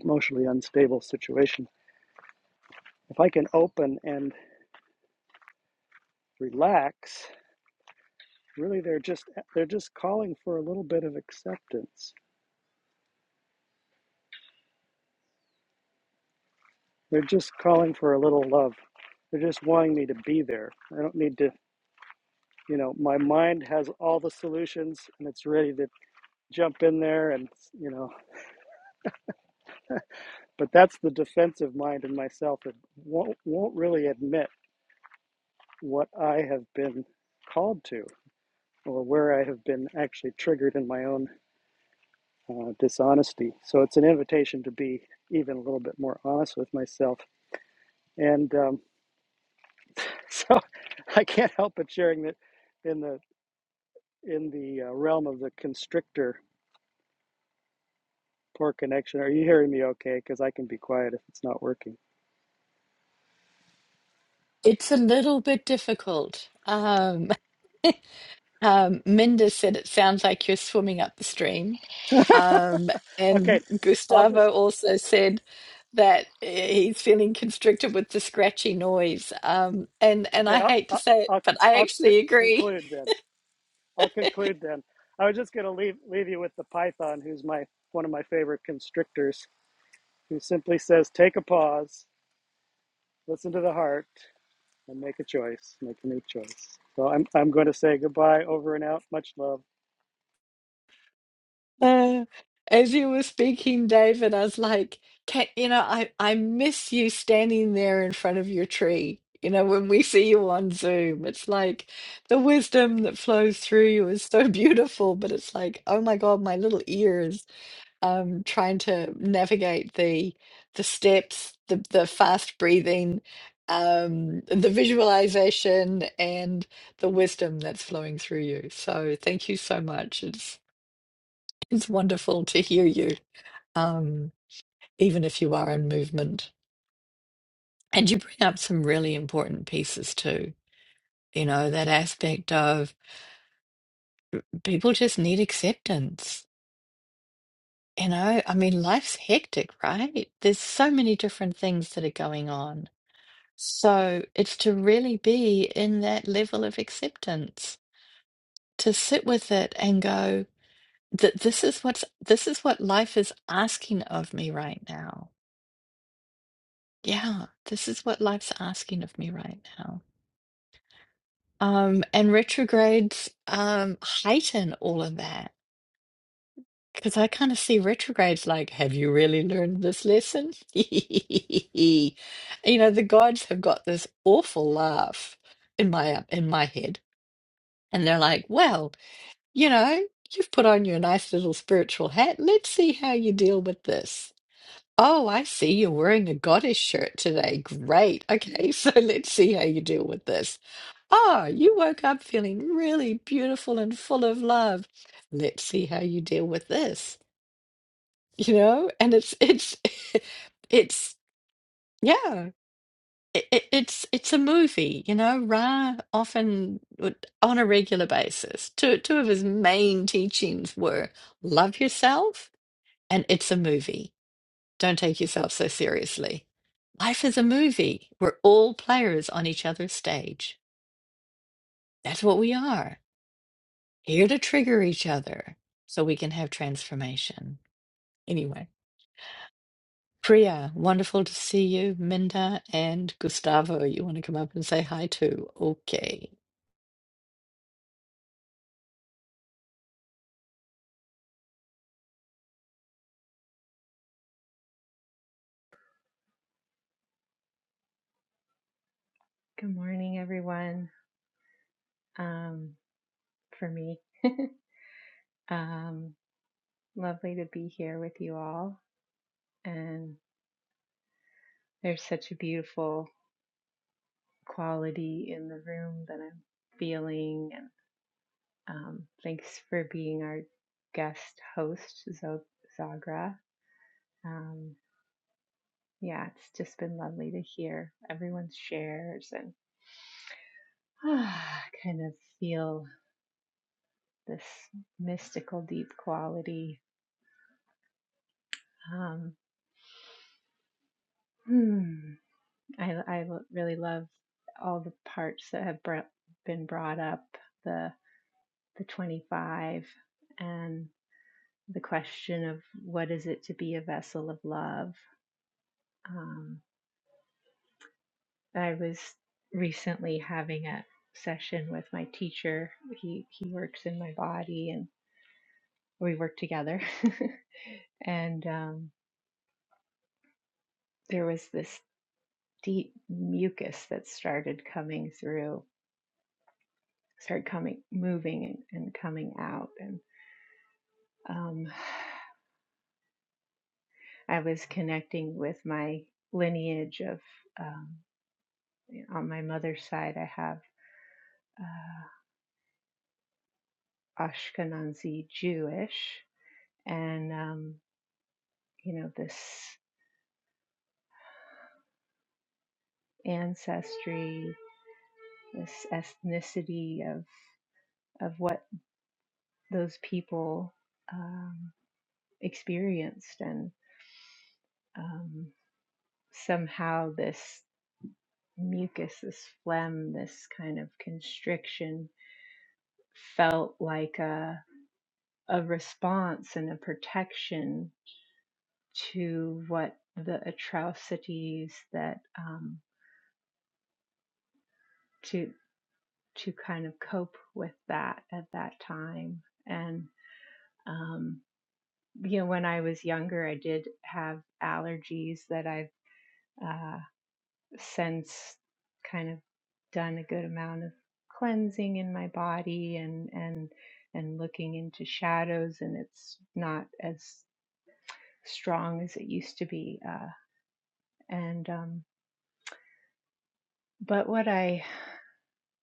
[SPEAKER 3] emotionally unstable situation. If I can open and relax, really they're just they're just calling for a little bit of acceptance. They're just calling for a little love. They're just wanting me to be there. I don't need to you know my mind has all the solutions and it's ready to jump in there and you know but that's the defensive mind in myself that won't, won't really admit what i have been called to or where i have been actually triggered in my own uh, dishonesty so it's an invitation to be even a little bit more honest with myself and um, so i can't help but sharing that in the in the uh, realm of the constrictor Poor connection. Are you hearing me okay? Because I can be quiet if it's not working.
[SPEAKER 1] It's a little bit difficult. Um, Um, Minda said it sounds like you're swimming up the stream. Um, and
[SPEAKER 3] Okay, I'll just,
[SPEAKER 1] Gustavo also said that eh, he's feeling constricted with the scratchy noise. Um, and, and
[SPEAKER 3] okay,
[SPEAKER 1] I
[SPEAKER 3] I'll,
[SPEAKER 1] hate to
[SPEAKER 3] I'll,
[SPEAKER 1] say it,
[SPEAKER 3] I'll,
[SPEAKER 1] but I
[SPEAKER 3] I'll c-
[SPEAKER 1] actually agree.
[SPEAKER 3] conclude then. I'll conclude then. I was just going to leave, leave you with the python, who's my one of my favorite constrictors, who simply says, take a pause, listen to the heart, and make a choice, make a new choice. So I'm, I'm going to say goodbye, over and out, much love.
[SPEAKER 1] Uh, as you were speaking, David, I was like, can, you know, I, I miss you standing there in front of your tree. You know, when we see you on Zoom, it's like the wisdom that flows through you is so beautiful, but it's like, oh my God, my little ears, um, trying to navigate the the steps, the the fast breathing, um, the visualization, and the wisdom that's flowing through you. So thank you so much. It's it's wonderful to hear you, um, even if you are in movement. And you bring up some really important pieces too. You know, that aspect of people just need acceptance. You know, I mean, life's hectic, right? There's so many different things that are going on. So it's to really be in that level of acceptance, to sit with it and go, that this is what's this is what life is asking of me right now Yeah, this is what life's asking of me right now. Um, and retrogrades um, heighten all of that because I kind of see retrogrades like, have you really learned this lesson? You know, the gods have got this awful laugh in my uh, in my head, and they're like, well, you know, you've put on your nice little spiritual hat. Let's see how you deal with this. Oh, I see you're wearing a goddess shirt today. Great. Okay, so let's see how you deal with this. Oh, you woke up feeling really beautiful and full of love. Let's see how you deal with this, you know? And it's it's it's yeah, it, it, it's it's a movie, you know. Ra often would- on a regular basis. Two two of his main teachings were love yourself and it's a movie. Don't take yourself so seriously. Life is a movie. We're all players on each other's stage. That's what we are. here to trigger each other so we can have transformation. Anyway, Priya, wonderful to see you. Minda and Gustavo, you want to come up and say hi too? Okay.
[SPEAKER 4] Good morning, everyone. Um, for me, um, lovely to be here with you all. And there's such a beautiful quality in the room that I'm feeling. And um, thanks for being our guest host, Zo- Zagra. Um, yeah, it's just been lovely to hear everyone's shares and ah, kind of feel this mystical, deep quality. Um, hmm, I, I really love all the parts that have br- been brought up the the 25 and the question of what is it to be a vessel of love. Um, I was recently having a session with my teacher. He he works in my body and we work together. and um, there was this deep mucus that started coming through, started coming moving and, and coming out and um, I was connecting with my lineage of, um, on my mother's side, I have uh, Ashkenazi Jewish, and um, you know this ancestry, this ethnicity of of what those people um, experienced, and um, somehow this mucus, this phlegm, this kind of constriction felt like a a response and a protection to what the atrocities that um, to to kind of cope with that at that time and um, you know when I was younger I did have allergies that I've uh, since kind of done a good amount of cleansing in my body and and and looking into shadows and it's not as strong as it used to be uh, and um, But what I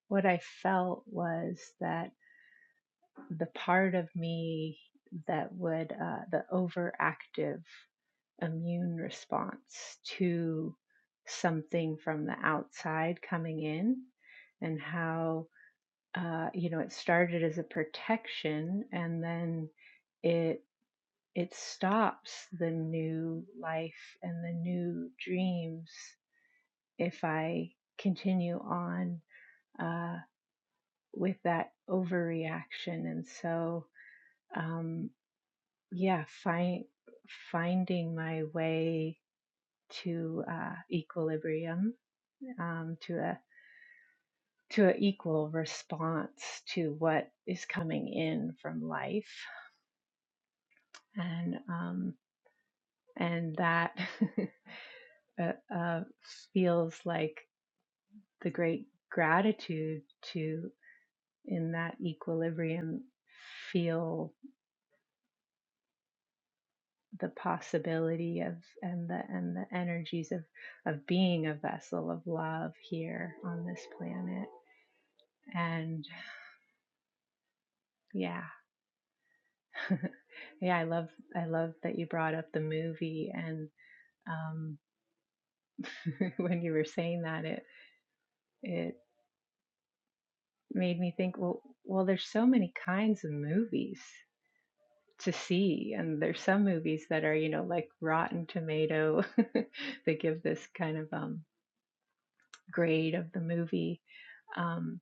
[SPEAKER 4] what I felt was that the part of me that would uh, the overactive immune response to something from the outside coming in, and how uh, you know it started as a protection, and then it it stops the new life and the new dreams if I continue on. uh, with that overreaction. And so, um, yeah, find, finding my way to uh, equilibrium, um, to a to an equal response to what is coming in from life, and um, and that uh, uh, feels like the great gratitude to in that equilibrium feel the possibility of and the and the energies of of being a vessel of love here on this planet and yeah yeah i love i love that you brought up the movie and um when you were saying that it it made me think well well there's so many kinds of movies to see and there's some movies that are you know like rotten tomato they give this kind of um grade of the movie Um,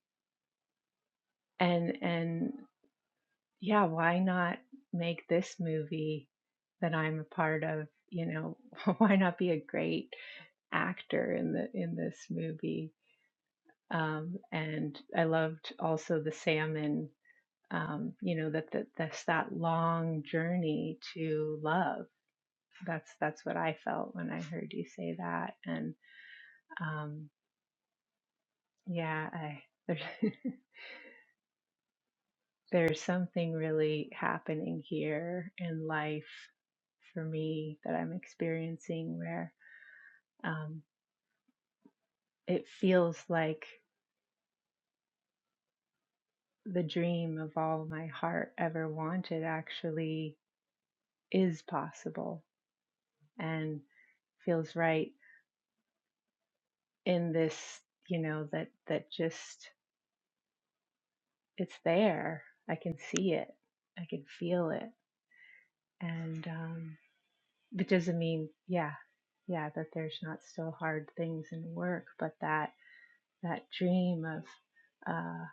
[SPEAKER 4] and and yeah why not make this movie that i'm a part of you know why not be a great actor in the in this movie um and i loved also the salmon um you know that that that's that long journey to love that's that's what i felt when i heard you say that and um yeah i there's there's something really happening here in life for me that I'm experiencing where um, it feels like the dream of all my heart ever wanted actually is possible and feels right in this, you know, that, that just it's there. I can see it, I can feel it. And um, it doesn't mean, yeah, yeah, that there's not still hard things in work, but that that dream of uh,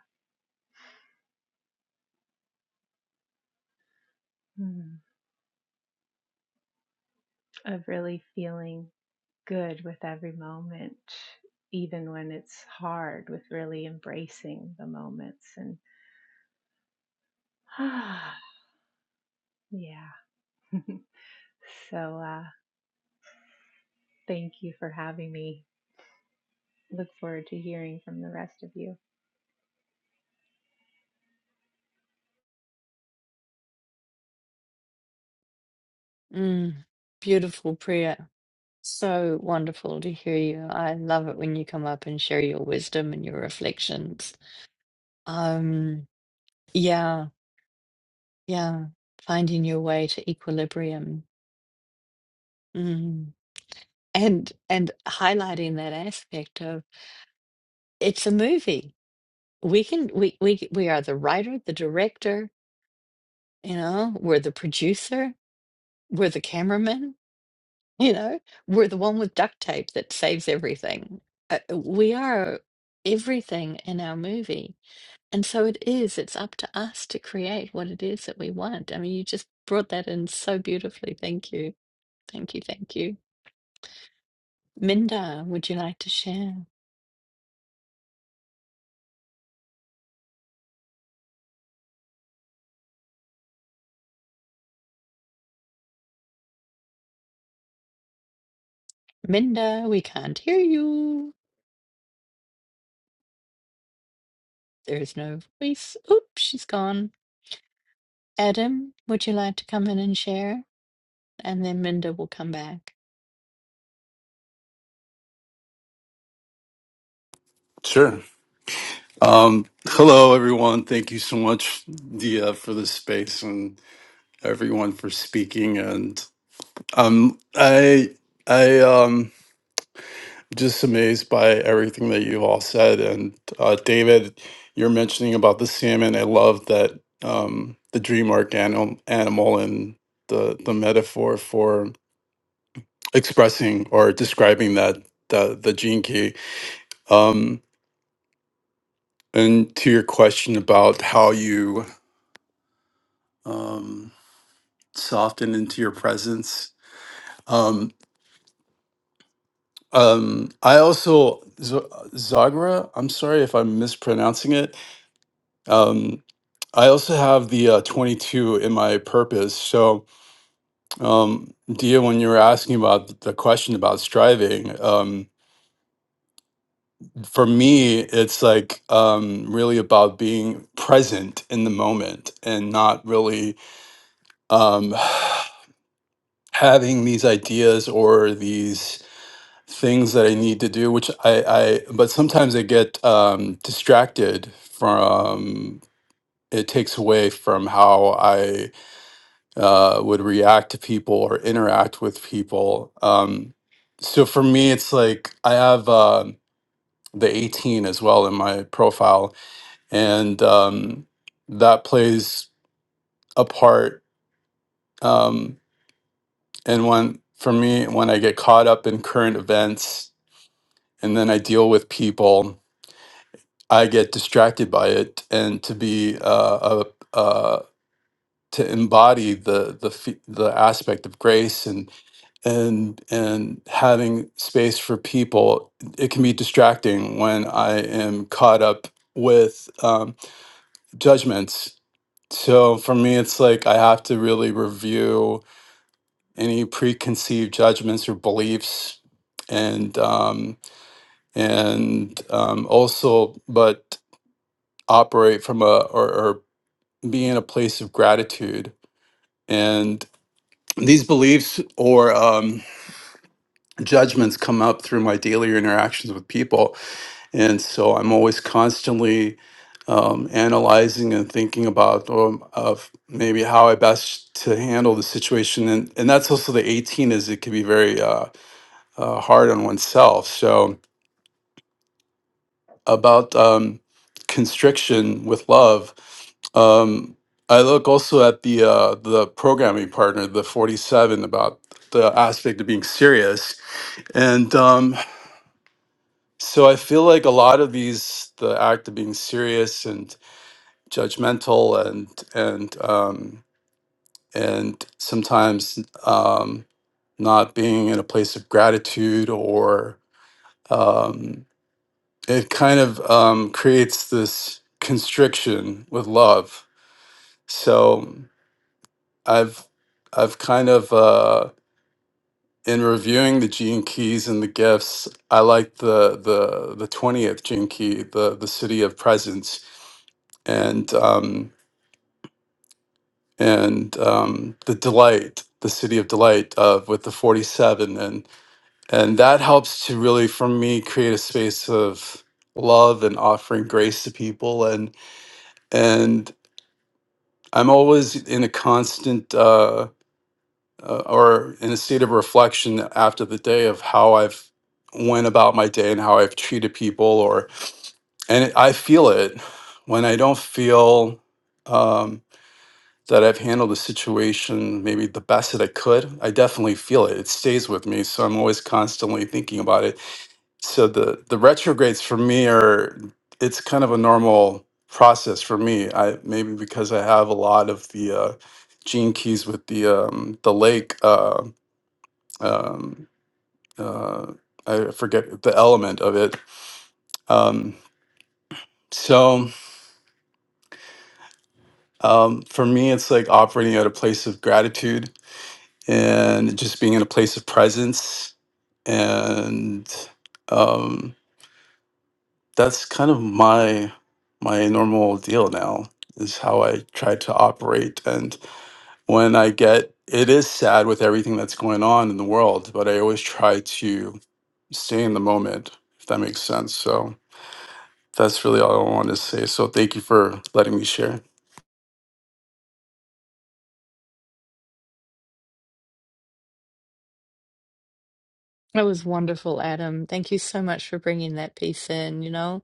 [SPEAKER 4] hmm, of really feeling good with every moment, even when it's hard, with really embracing the moments. And ah, yeah, so uh, thank you for having me. Look forward to hearing from the rest of you.
[SPEAKER 1] Mm, beautiful, Priya. So wonderful to hear you. I love it when you come up and share your wisdom and your reflections. Um, yeah, yeah, finding your way to equilibrium. Mm. And and highlighting that aspect of it's a movie we can we we we are the writer, the director, you know, we're the producer, we're the cameraman, you know, we're the one with duct tape that saves everything. Uh, we are everything in our movie. And so it is, it's up to us to create what it is that we want. I mean, you just brought that in so beautifully. Thank you. Thank you. Thank you. Minda, would you like to share? Minda, we can't hear you. There is no voice. Oops, she's gone. Adam, would you like to come in and share? And then Minda will come back.
[SPEAKER 5] Sure. Um, hello, everyone. Thank you so much, Dia, for the space and everyone for speaking. And um, I, I um, just amazed by everything that you all said. And uh, David, you're mentioning about the salmon. I love that um, the dream arc animal, animal and the the metaphor for expressing or describing that the the gene key. Um, and to your question about how you. Um, soften into your presence. Um, um, I also Z- Zagra. I'm sorry if I'm mispronouncing it. Um, I also have the uh, 22 in my purpose. So, um, Dia, when you were asking about the question about striving, um, for me, it's like um, really about being present in the moment and not really um, having these ideas or these things that I need to do, which I, I but sometimes I get um, distracted from. It takes away from how I uh, would react to people or interact with people. Um, so for me, it's like I have uh, the 18 as well in my profile, and um, that plays a part. Um, and when for me, when I get caught up in current events, and then I deal with people I get distracted by it, and to be uh, a, uh, to embody the the fe- the aspect of grace and and and having space for people, it can be distracting when I am caught up with um, judgments. So for me, it's like I have to really review any preconceived judgments or beliefs, and um, and um, also, but operate from a or, or be in a place of gratitude. And these beliefs or um, judgments come up through my daily interactions with people. And so I'm always constantly um, analyzing and thinking about um, of maybe how I best to handle the situation. And, and that's also the 18 is it can be very uh, uh, hard on oneself. So about um, constriction with love. Um, I look also at the uh, the programming partner, the forty seven, about the aspect of being serious, and um, so I feel like a lot of these, the act of being serious and judgmental, and and um, and sometimes um, not being in a place of gratitude or. Um, it kind of um, creates this constriction with love. So I've I've kind of uh, in reviewing the gene keys and the gifts, I like the the the twentieth gene key, the the city of presence, and um, and um, the delight, the city of delight, of with the forty seven, and and that helps to really for me create a space of love and offering grace to people and and I'm always in a constant uh, uh, or in a state of reflection after the day of how I've went about my day and how I've treated people, or and it, I feel it when I don't feel um, that I've handled the situation maybe the best that I could. I definitely feel it. It stays with me, so I'm always constantly thinking about it so the the retrogrades for me are it's kind of a normal process for me i maybe because i have a lot of the uh gene keys with the um the lake uh um uh i forget the element of it um so um for me it's like operating at a place of gratitude and just being in a place of presence and um, that's kind of my my normal deal now is how I try to operate and when I get it is sad with everything that's going on in the world, but I always try to stay in the moment, if that makes sense. So that's really all I want to say. So thank you for letting me share.
[SPEAKER 1] That was wonderful, Adam. Thank you so much for bringing that piece in, you know,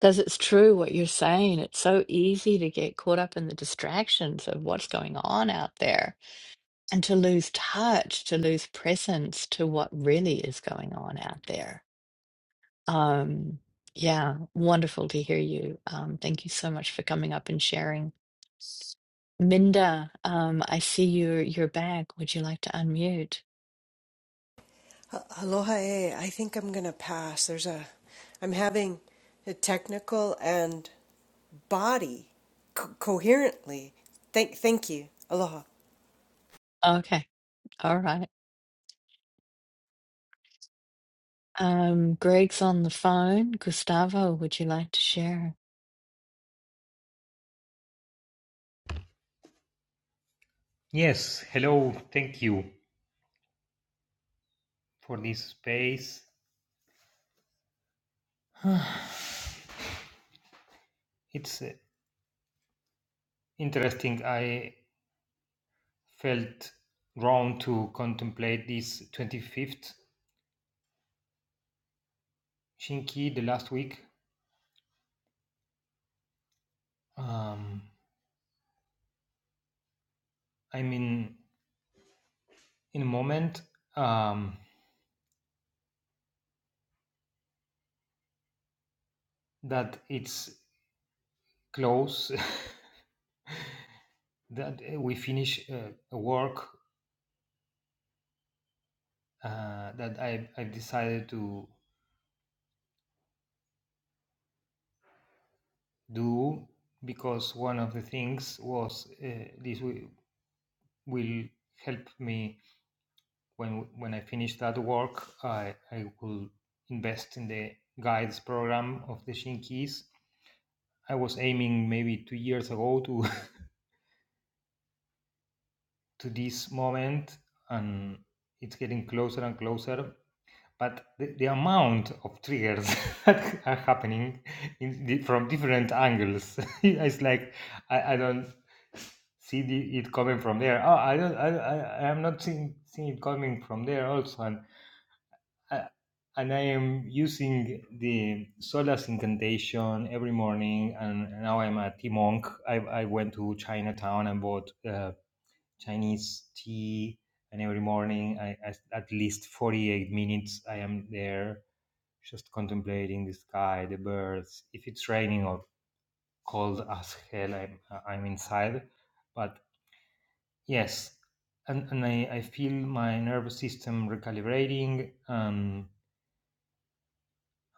[SPEAKER 1] because it's true what you're saying. It's so easy to get caught up in the distractions of what's going on out there and to lose touch, to lose presence to what really is going on out there. Um, yeah, wonderful to hear you. Um, thank you so much for coming up and sharing. Minda, um, I see your your bag. Would you like to unmute?
[SPEAKER 6] Aloha A. I think I'm going to pass. There's a, I'm having a technical and body co- coherently. Thank, thank you. Aloha.
[SPEAKER 1] Okay, all right. Um, Greg's on the phone. Gustavo, would you like to share?
[SPEAKER 7] Yes, hello, thank you for this space. It's uh, interesting. I felt drawn to contemplate this 25th Shinki the last week. Um, I'm in, in a moment um, that it's close, that we finish uh, a work uh, that I, I've decided to do because one of the things was uh, this will, will help me when when I finish that work, I, I will invest in the guides program of the Shinkies. I was aiming maybe two years ago to to this moment, and it's getting closer and closer. But the, the amount of triggers that are happening in the, from different angles, it's like I, I don't see the, it coming from there. Oh, I don't, I, I, I am not seeing, seeing it coming from there also. And uh, and I am using the Solace incantation every morning. And now I'm a tea monk. I, I went to Chinatown and bought uh, Chinese tea. And every morning, I, I, at least 48 minutes, I am there just contemplating the sky, the birds. If it's raining or cold as hell, I'm, I'm inside. But yes, and, and I, I feel my nervous system recalibrating. Um,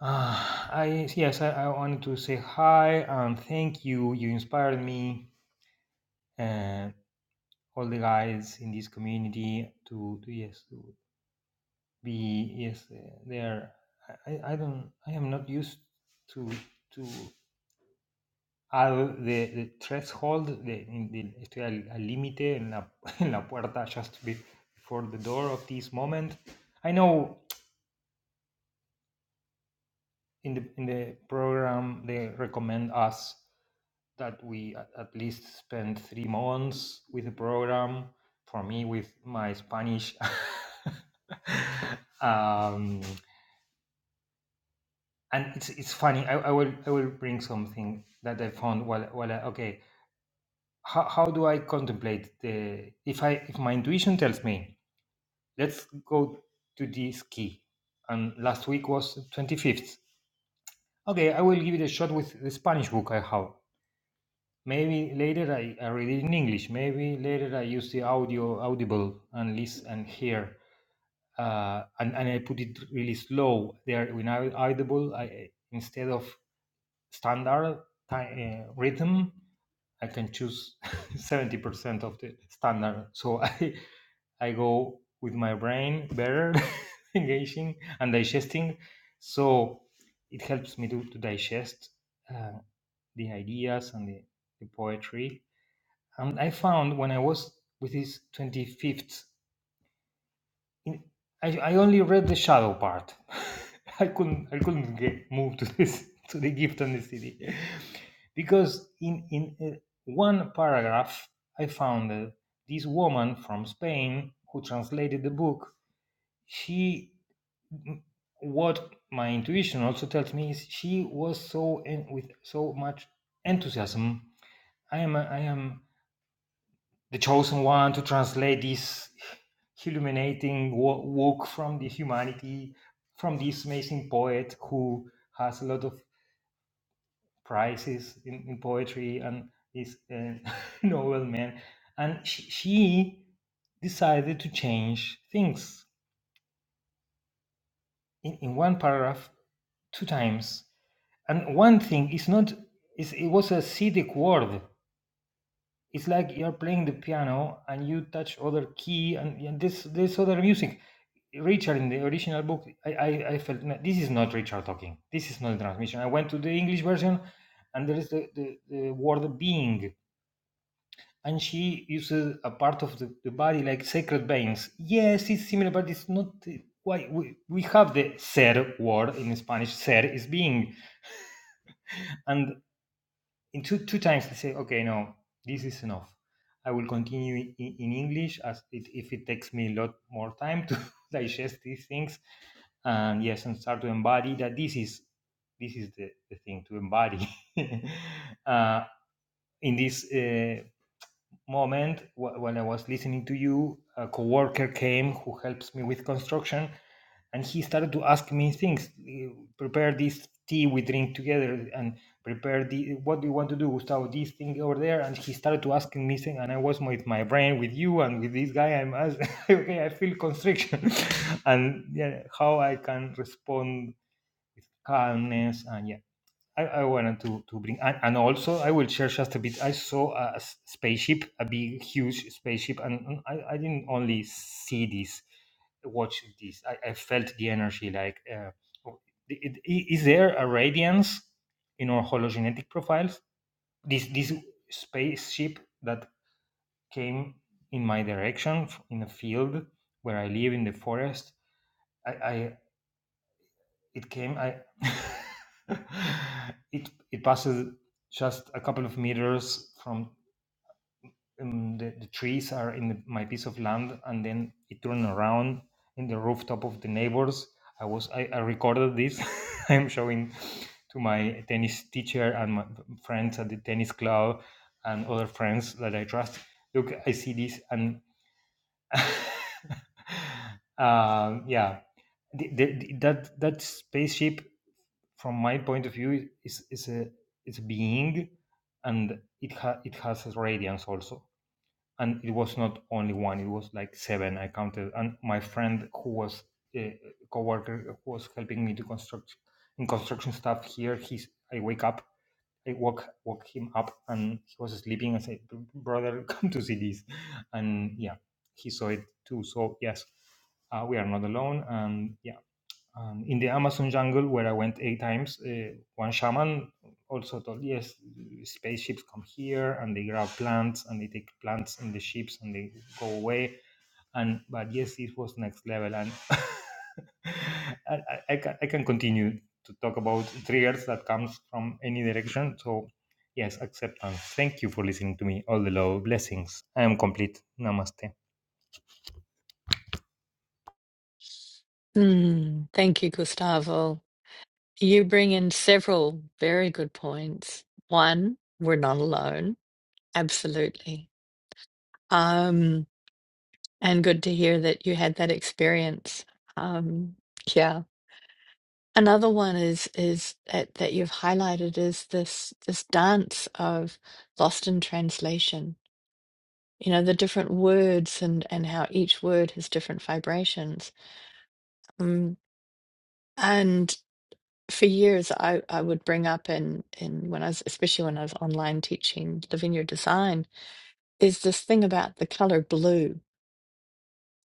[SPEAKER 7] Uh, I yes, I, I wanted to say hi and thank you. You inspired me and all the guys in this community to, to yes to be yes uh, there. I, I I don't I am not used to to have the, the threshold the, in the estoy al, al límite en la en la puerta just be, before the door of this moment. I know in the in the program they recommend us that we a- at least spend three months with the program. For me, with my Spanish, um, and it's it's funny. I, I will I will bring something that I found while while I, okay. How, how do I contemplate the if I if my intuition tells me let's go to this key, and last week was twenty fifth. Okay, I will give it a shot with the Spanish book I have Maybe later I, I read it in English. Maybe later I use the audio audible and listen and hear. Uh, and, and I put it really slow there when I audible. I instead of standard time, uh, rhythm, I can choose seventy percent of the standard. So I I go with my brain better, engaging and digesting. So it helps me to, to digest uh, the ideas and the, the poetry and I found when I was with his 25th, in, I, I only read the shadow part. I couldn't I couldn't get move to this to the gift on the CD because in in uh, one paragraph I found uh, this woman from Spain who translated the book. She what my intuition also tells me is she was so en- with so much enthusiasm. I am a, I am the chosen one to translate this illuminating wo- work from the humanity from this amazing poet who has a lot of prizes in, in poetry and is a novel man and she, she decided to change things in, in one paragraph two times and one thing is not is it was a acidic word it's like you're playing the piano and you touch other key and, and this this other music Richard in the original book, I, I, I felt "No, this is not Richard talking. This is not the transmission. I went to the English version, and there is the, the, the word being, and she uses a part of the, the body like sacred veins. Yes, it's similar, but it's not. uh, Why we, we have the ser word in Spanish? Ser is being, and in two two times they say, okay, no, this is enough. I will continue in, in English as it, if it takes me a lot more time to digest these things and yes and start to embody that this is this is the, the thing to embody uh, in this uh, moment wh- while I was listening to you, a coworker came who helps me with construction, and he started to ask me things. eh, Prepare this tea we drink together, and prepare the what do you want to do, Gustavo? This thing over there, and he started to asking me things, and I was with my brain with you and with this guy. I'm as okay, I feel constriction, and yeah, how I can respond with calmness and yeah. I, I wanted to, to bring and, and also I will share just a bit. I saw a s- spaceship, a big, huge spaceship, and, and I, I didn't only see this, watch this. I, I felt the energy. Like, uh, it, it- is there a radiance in our hologenetic profiles? This this spaceship that came in my direction f- in a field where I live in the forest. I, I it came i it it passes just a couple of meters from um, the, the trees are in the, my piece of land and then it turned around in the rooftop of the neighbors i was i, I recorded this i'm showing to my tennis teacher and my friends at the tennis club and other friends that i trust look i see this and um, yeah the, the, the- that that spaceship from my point of view is is a it's a being and it ha- it has a radiance also and it was not only one it was like seven i counted and my friend who was a coworker who was helping me to construct in construction stuff here he's i wake up i woke woke him up and he was sleeping i said brother come to see this and yeah he saw it too so yes uh, we are not alone and yeah um, in the Amazon jungle where I went eight times, uh, one shaman also told, yes, spaceships come here and they grab plants and they take plants in the ships and they go away. And but yes, this was next level, and I, I, I can I can continue to talk about triggers that comes from any direction. So yes, acceptance. Thank you for listening to me. All the love, blessings. I am complete. Namaste.
[SPEAKER 1] Hmm, thank you, Gustavo. You bring in several very good points. One, we're not alone. Absolutely. Um, And good to hear that you had that experience. Um, yeah. Another one is is that, that you've highlighted is this this dance of lost in translation. You know, the different words and and how each word has different vibrations. Um, and for years, I I would bring up in in when I was especially when I was online teaching Living Your Design is this thing about the color blue.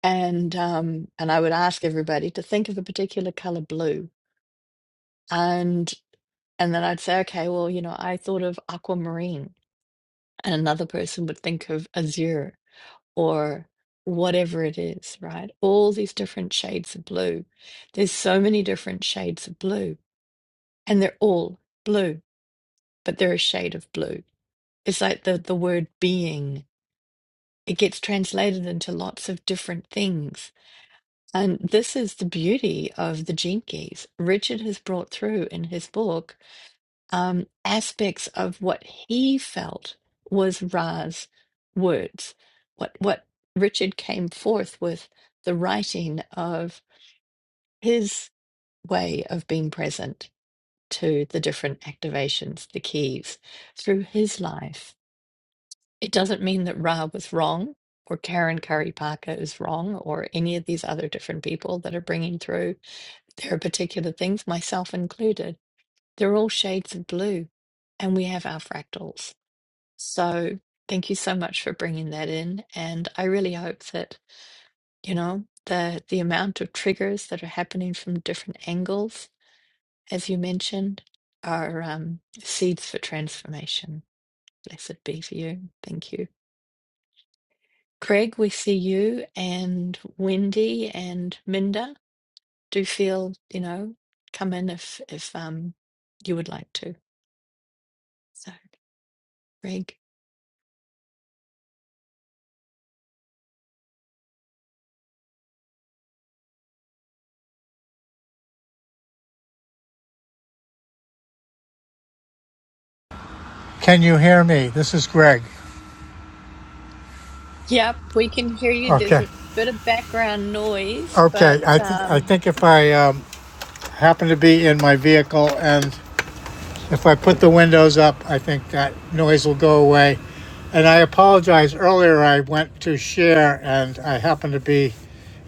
[SPEAKER 1] And um, and I would ask everybody to think of a particular color blue And and then I'd say, okay, well, you know, I thought of aquamarine, and another person would think of azure or whatever it is, right? All these different shades of blue. There's so many different shades of blue, and they're all blue, but they're a shade of blue. It's like the the word being. It gets translated into lots of different things. And this is the beauty of the Jinkies. Richard has brought through in his book um, aspects of what he felt was Ra's words, what what Richard came forth with the writing of his way of being present to the different activations, the keys, through his life. It doesn't mean that Ra was wrong or Karen Curry Parker is wrong or any of these other different people that are bringing through. There are particular things, myself included. They're all shades of blue and we have our fractals So thank you so much for bringing that in. And I really hope that, you know, the the amount of triggers that are happening from different angles, as you mentioned, are um, seeds for transformation. Blessed be for you. Thank you. Craig, we see you and Wendy and Minda. Do feel, you know, come in if if um you would like to. So Craig.
[SPEAKER 8] Can you hear me? This is Greg.
[SPEAKER 1] Yep, we can hear you. There's
[SPEAKER 8] Okay.
[SPEAKER 1] a bit of background noise,
[SPEAKER 8] Okay.
[SPEAKER 1] but
[SPEAKER 8] I, th- I
[SPEAKER 1] um,
[SPEAKER 8] think if I um, happen to be in my vehicle and if I put the windows up, I think that noise will go away. And I apologize. Earlier, I went to share and I happened to be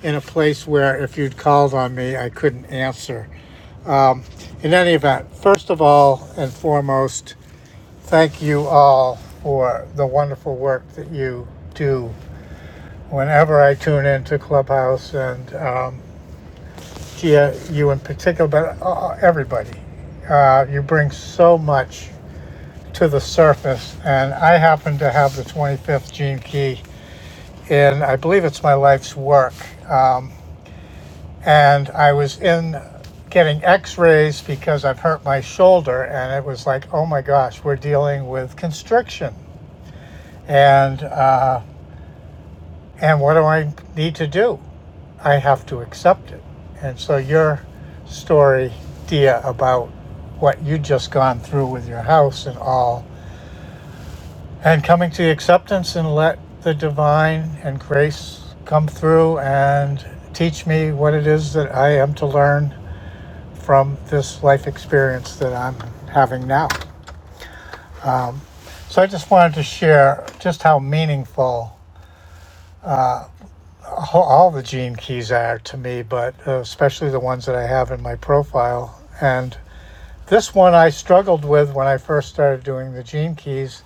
[SPEAKER 8] in a place where if you'd called on me, I couldn't answer. In any event, first of all and foremost, thank you all for the wonderful work that you do. Whenever I tune into Clubhouse and um, to you in particular, but uh, uh, everybody. Uh, you bring so much to the surface, and I happen to have the 25th Gene Key in, I believe it's my life's work. Um, and I was in getting x rays because I've hurt my shoulder, and it was like, oh my gosh, we're dealing with constriction. And, uh, and what do I need to do? I have to accept it. And so your story, Dia, about what you just gone through with your house and all, and coming to the acceptance and let the divine and grace come through and teach me what it is that I am to learn from this life experience that I'm having now. So I just wanted to share just how meaningful all the gene keys are to me, but uh, especially the ones that I have in my profile. And This one I struggled with when I first started doing the gene keys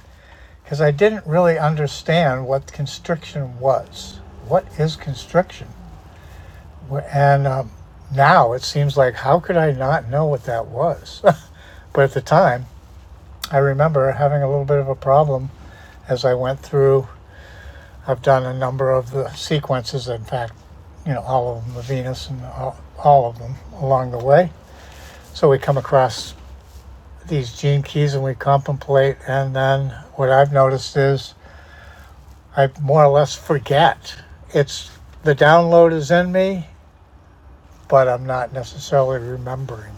[SPEAKER 8] because I didn't really understand what constriction was. What is constriction? And um, now it seems like how could I not know what that was? but at the time, I remember having a little bit of a problem as I went through. I've done a number of the sequences, in fact, you know, all of them, the Venus and all, all of them along the way. So we come across these gene keys and we contemplate and then what i've noticed is i more or less forget it's the download is in me but i'm not necessarily remembering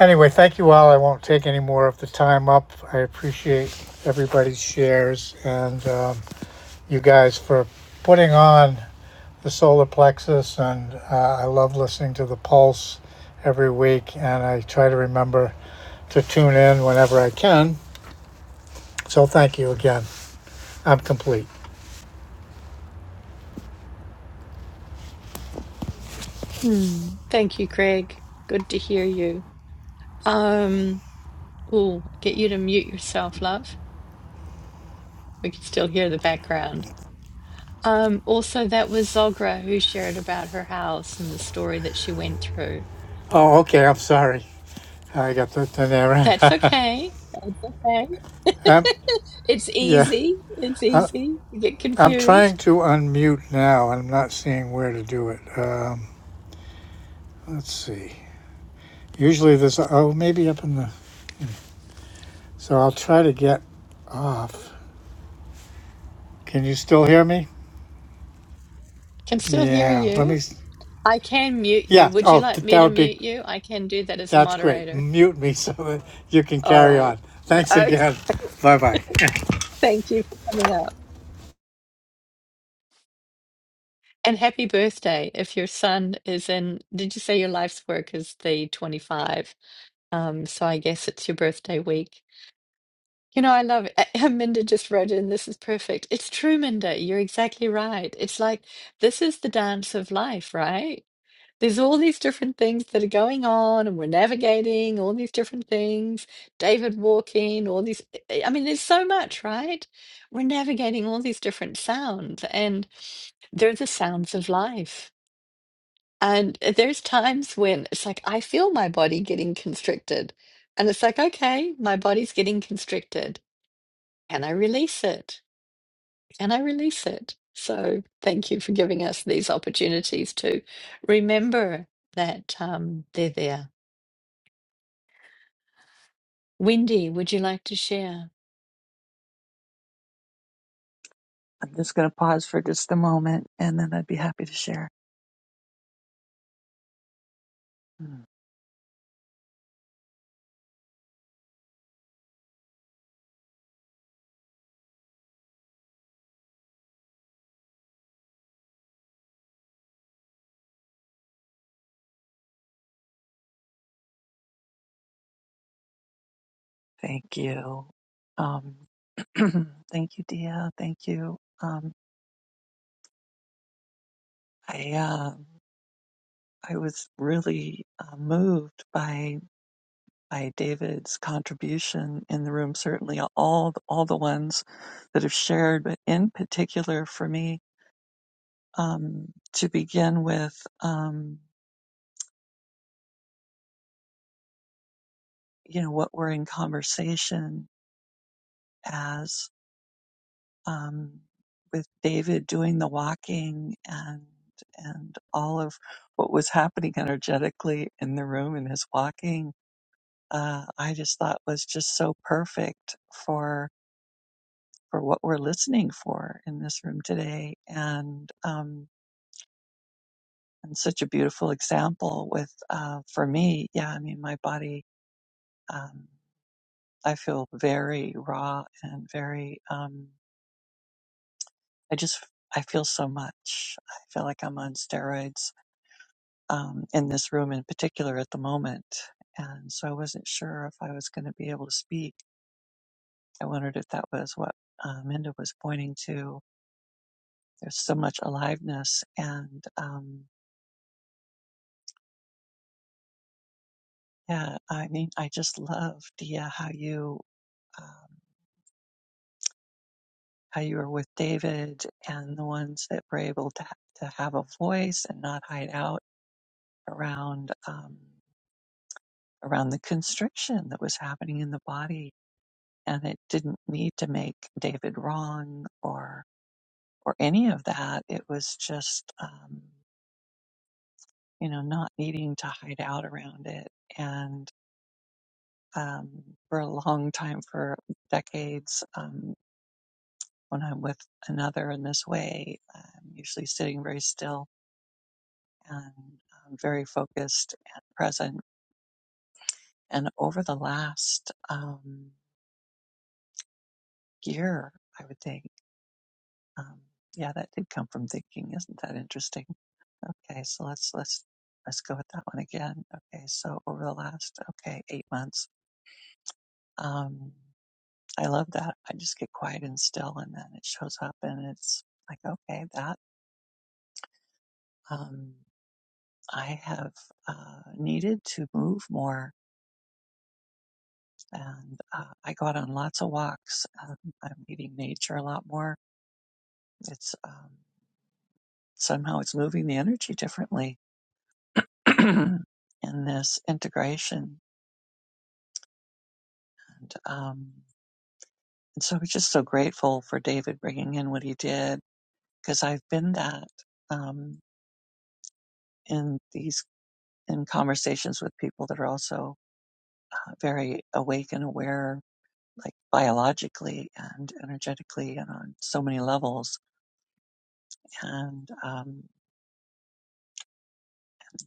[SPEAKER 8] anyway thank you all i won't take any more of the time up i appreciate everybody's shares and um, you guys for putting on the solar plexus and uh, i love listening to the pulse every week and i try to remember to tune in whenever i can so thank you again I'm complete.
[SPEAKER 1] hmm, thank you, Greg. Good to hear you. Um, oh, get you to mute yourself, love. We can still hear the background. Um, also, that was Zogra who shared about her house and the story that she went through.
[SPEAKER 8] Oh, okay. I'm sorry. I got the, the
[SPEAKER 1] That's
[SPEAKER 8] error.
[SPEAKER 1] okay. That's okay.
[SPEAKER 8] I'm,
[SPEAKER 1] It's
[SPEAKER 8] yeah.
[SPEAKER 1] easy. It's
[SPEAKER 8] I,
[SPEAKER 1] easy. You get
[SPEAKER 8] I'm
[SPEAKER 1] confused.
[SPEAKER 8] trying to unmute now. I'm not seeing where to do it. Um, let's see. Usually there's, oh, maybe up in the, so I'll try to get off. Can you still hear me?
[SPEAKER 1] Can still hear
[SPEAKER 8] Yeah. Let me,
[SPEAKER 1] you. I can mute you.
[SPEAKER 8] yeah.
[SPEAKER 1] Would you
[SPEAKER 8] Oh,
[SPEAKER 1] like me
[SPEAKER 8] that
[SPEAKER 1] to
[SPEAKER 8] would be,
[SPEAKER 1] mute you? I can do that as a
[SPEAKER 8] that's great.
[SPEAKER 1] moderator.
[SPEAKER 8] Mute me so that you can
[SPEAKER 1] All
[SPEAKER 8] carry
[SPEAKER 1] right.
[SPEAKER 8] on. Thanks
[SPEAKER 1] Okay.
[SPEAKER 8] again. Bye bye.
[SPEAKER 1] Thank you for coming up. And happy birthday if your son is in. Did you say your life's work is the 25? Um, so I guess it's your birthday week. You know, I love it. Minda just wrote in, this is perfect. It's true, Minda. You're exactly right. It's like this is the dance of life, right? There's all these different things that are going on, and we're navigating all these different things. David walking, all these. eh, I mean, there's so much, right? We're navigating all these different sounds, and they're the sounds of life. And there's times when it's like, I feel my body getting constricted. And it's like, okay, my body's getting constricted. Can I release it? Can I release it? So thank you for giving us these opportunities to remember that um, they're there Wendy, would you like to share?
[SPEAKER 9] I'm just going to pause for just a moment and then I'd be happy to share. Mm. Thank you. Um, thank you, Dia. Thank you. Um, I, uh, I was really uh, moved by, by David's contribution in the room, certainly all, all the ones that have shared, but in particular for me, um, to begin with, um, you know, what we're in conversation as. um, with David doing the walking and and all of what was happening energetically in the room and his walking, uh, I just thought was just so perfect for for what we're listening for in this room today, and um, and such a beautiful example with uh, for me, yeah, I mean my body, um, I feel very raw and very, um, I just I feel so much. I feel like I'm on steroids um, in this room in particular at the moment. And so I wasn't sure if I was going to be able to speak. I wondered if that was what uh, Minda was pointing to. There's so much aliveness. And um, yeah, I mean, I just love, Dia, how you, um, how you were with David and the ones that were able to, ha- to have a voice and not hide out around, um, around the constriction that was happening in the body and it didn't need to make David wrong or or any of that. It was just um, you know not needing to hide out around it. And um, for a long time, for decades, um, when I'm with another in this way, I'm usually sitting very still and um, very focused and present. And over the last um, year, I would think, um, yeah, that did come from thinking. Isn't that interesting? Okay, so let's let's let's go with that one again. Okay, so over the last okay eight months, um, I love that. I just get quiet and still, and then it shows up, and it's like okay, that um, I have uh, needed to move more, and uh, I go out on lots of walks. Um, I'm meeting nature a lot more. It's um, somehow it's moving the energy differently in this integration, and um, And so we're just so grateful for David bringing in what he did because I've been that um, in these in conversations with people that are also uh, very awake and aware, like biologically and energetically and on so many levels. And um,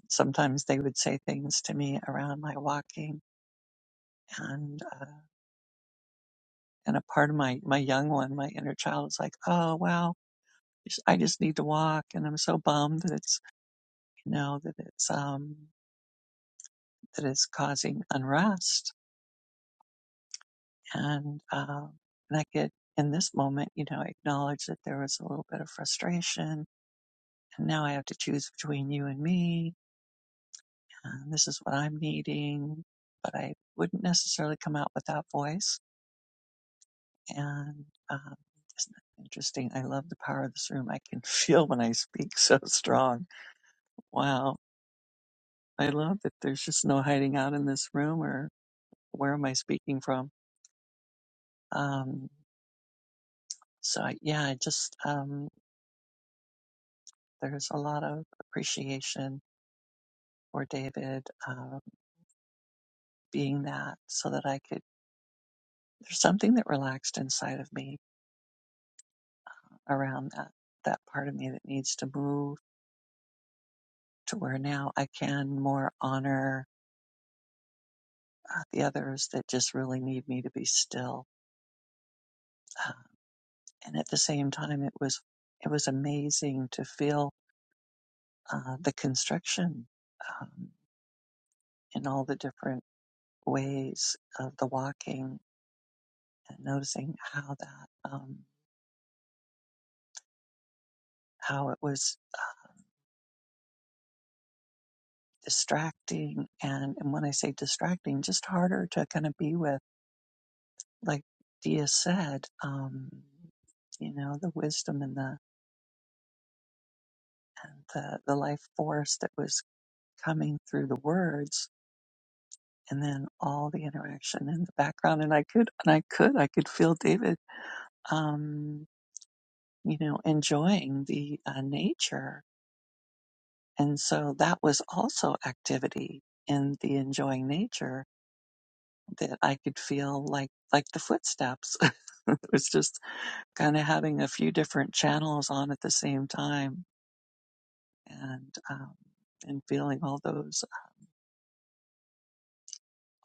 [SPEAKER 9] sometimes they would say things to me around my walking and uh, and a part of my my young one, my inner child, is like, oh wow, I just need to walk, and I'm so bummed that it's you know that it's um that is causing unrest. And, um, and I could, in this moment, you know, acknowledge that there was a little bit of frustration. And now I have to choose between you and me. And this is what I'm needing. But I wouldn't necessarily come out with that voice. And um, isn't that interesting? I love the power of this room. I can feel when I speak so strong. Wow. I love that there's just no hiding out in this room or where am I speaking from? Um, so I, yeah, I just, um, There's a lot of appreciation for David uh, being that, so that I could. There's something that relaxed inside of me around that that part of me that needs to move to where now I can more honor uh, the others that just really need me to be still. Uh, and at the same time, it was it was amazing to feel uh, the construction um, in all the different ways of the walking and noticing how that. um, how it was uh, distracting. And, and when I say distracting, just harder to kind of be with, like Dia said, um, you know, the wisdom and the, and the, the life force that was coming through the words and then all the interaction in the background. And I could, and I could, I could feel David, um, you know, enjoying the uh, nature. And so that was also activity in the enjoying nature that I could feel like like the footsteps. it was just kind of having a few different channels on at the same time, and um, and feeling all those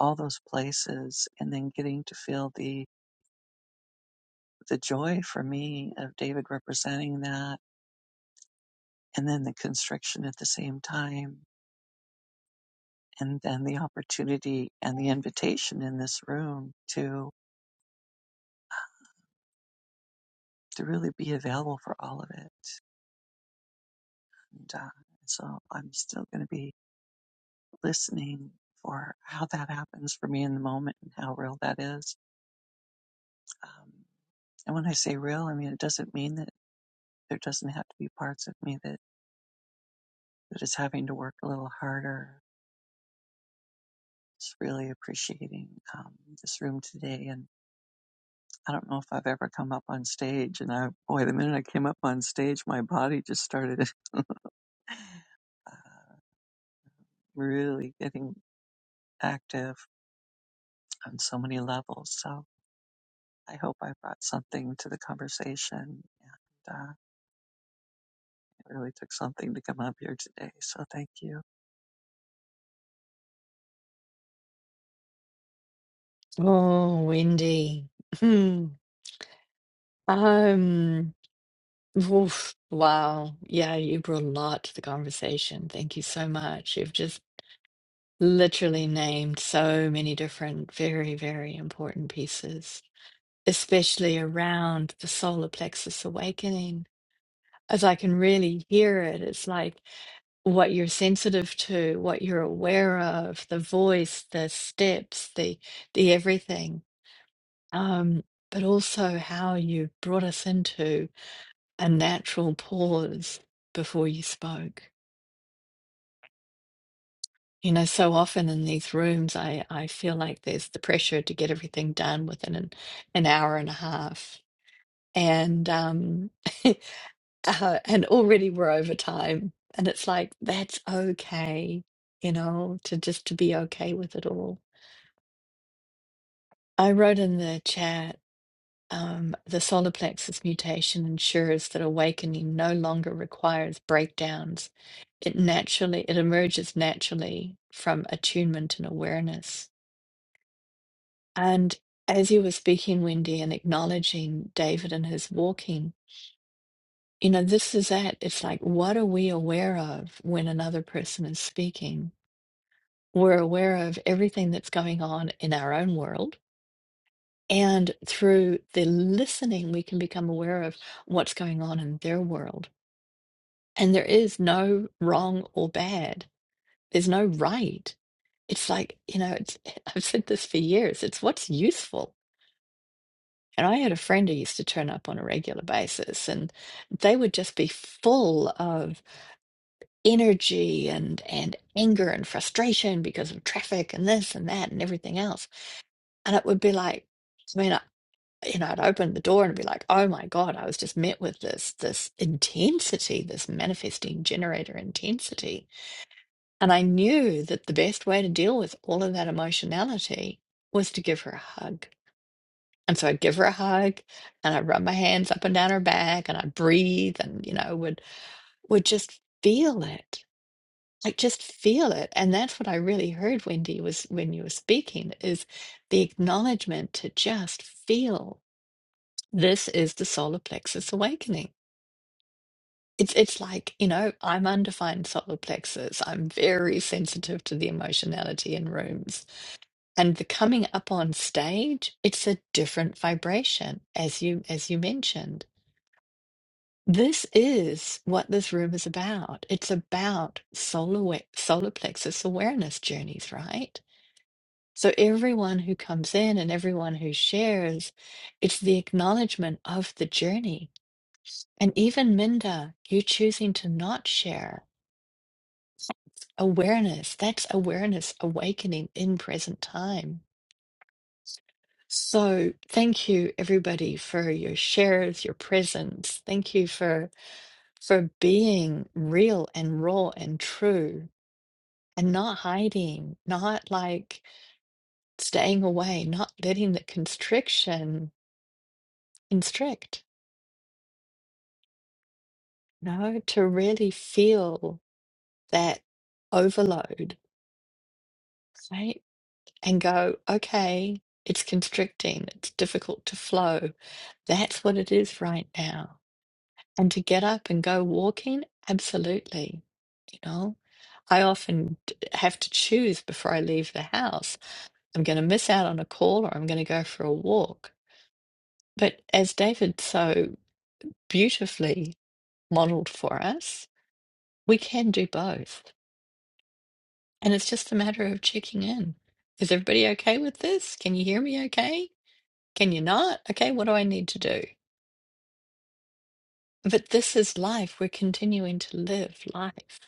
[SPEAKER 9] all those places, and then getting to feel the the joy for me of David representing that, and then the constriction at the same time, and then the opportunity and the invitation in this room to to really be available for all of it. And, uh, so I'm still going to be listening for how that happens for me in the moment and how real that is. Um, and when I say real, I mean it doesn't mean that there doesn't have to be parts of me that, that is having to work a little harder. Just really appreciating um, this room today. And I don't know if I've ever come up on stage. And I, boy, the minute I came up on stage, my body just started uh, really getting active on so many levels. So. I hope I brought something to the conversation. And uh, it really took something to come up here today. So thank you.
[SPEAKER 1] Oh, Wendy. Hmm. Um, oof, wow. Yeah, you brought a lot to the conversation. Thank you so much. You've just literally named so many different, very, very important pieces, especially around the solar plexus awakening. As I can really hear it, it's like what you're sensitive to, what you're aware of, the voice, the steps, the the everything um, but also how you brought us into a natural pause before you spoke. You know, so often in these rooms, I, I feel like there's the pressure to get everything done within an, an hour and a half. And um, uh, and already we're over time. And it's like, that's okay, you know, to just to be okay with it all. I wrote in the chat Um, the solar plexus mutation ensures that awakening no longer requires breakdowns. It naturally it emerges naturally from attunement and awareness. And as you were speaking, Wendy, and acknowledging David and his walking, you know, this is that. It's like, what are we aware of when another person is speaking? We're aware of everything that's going on in our own world. And through the listening, we can become aware of what's going on in their world And there is no wrong or bad. There's no right. It's like, you know, it's, I've said this for years. It's what's useful. And I had a friend who used to turn up on a regular basis, and they would just be full of energy and and anger and frustration because of traffic and this and that and everything else. And it would be like, I mean, I, you know, I'd open the door and be like, oh my God, I was just met with this this intensity, this manifesting generator intensity And I knew that the best way to deal with all of that emotionality was to give her a hug. And so I'd give her a hug and I'd rub my hands up and down her back and I'd breathe and, you know, would would just feel it. Like just feel it. And that's what I really heard, Wendy, was when you were speaking, is the acknowledgement to just feel this is the solar plexus awakening. It's it's like, you know, I'm undefined solar plexus. I'm very sensitive to the emotionality in rooms and the coming up on stage it's a different vibration as you as you mentioned this is what this room is about it's about solar wa- solar plexus awareness journeys right so everyone who comes in and everyone who shares it's the acknowledgement of the journey and even minda you choosing to not share awareness that's awareness awakening in present time So, thank you everybody for your shares, your presence. Thank you for for being real and raw and true and not hiding, not like staying away, not letting the constriction constrict. No, to really feel that overload, right? And go, okay, it's constricting, it's difficult to flow. That's what it is right now And to get up and go walking, absolutely. You know, I often d- have to choose before I leave the house. I'm going to miss out on a call or I'm going to go for a walk. But as David so beautifully modeled for us, we can do both. And it's just a matter of checking in. Is everybody okay with this? Can you hear me okay? Can you not? Okay, what do I need to do? But this is life. We're continuing to live life.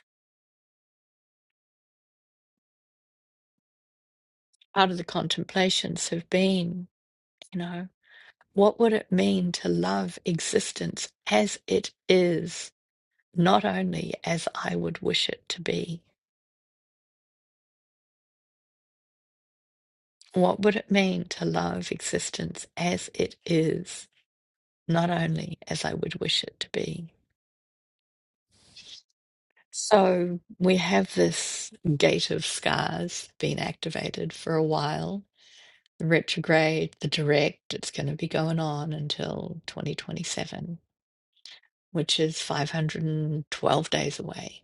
[SPEAKER 1] Part of the contemplations have been. You know, what would it mean to love existence as it is, not only as I would wish it to be? What would it mean to love existence as it is, not only as I would wish it to be? So we have this gate of scars being activated for a while. The retrograde, the direct, it's going to be going on until 2027, which is 512 days away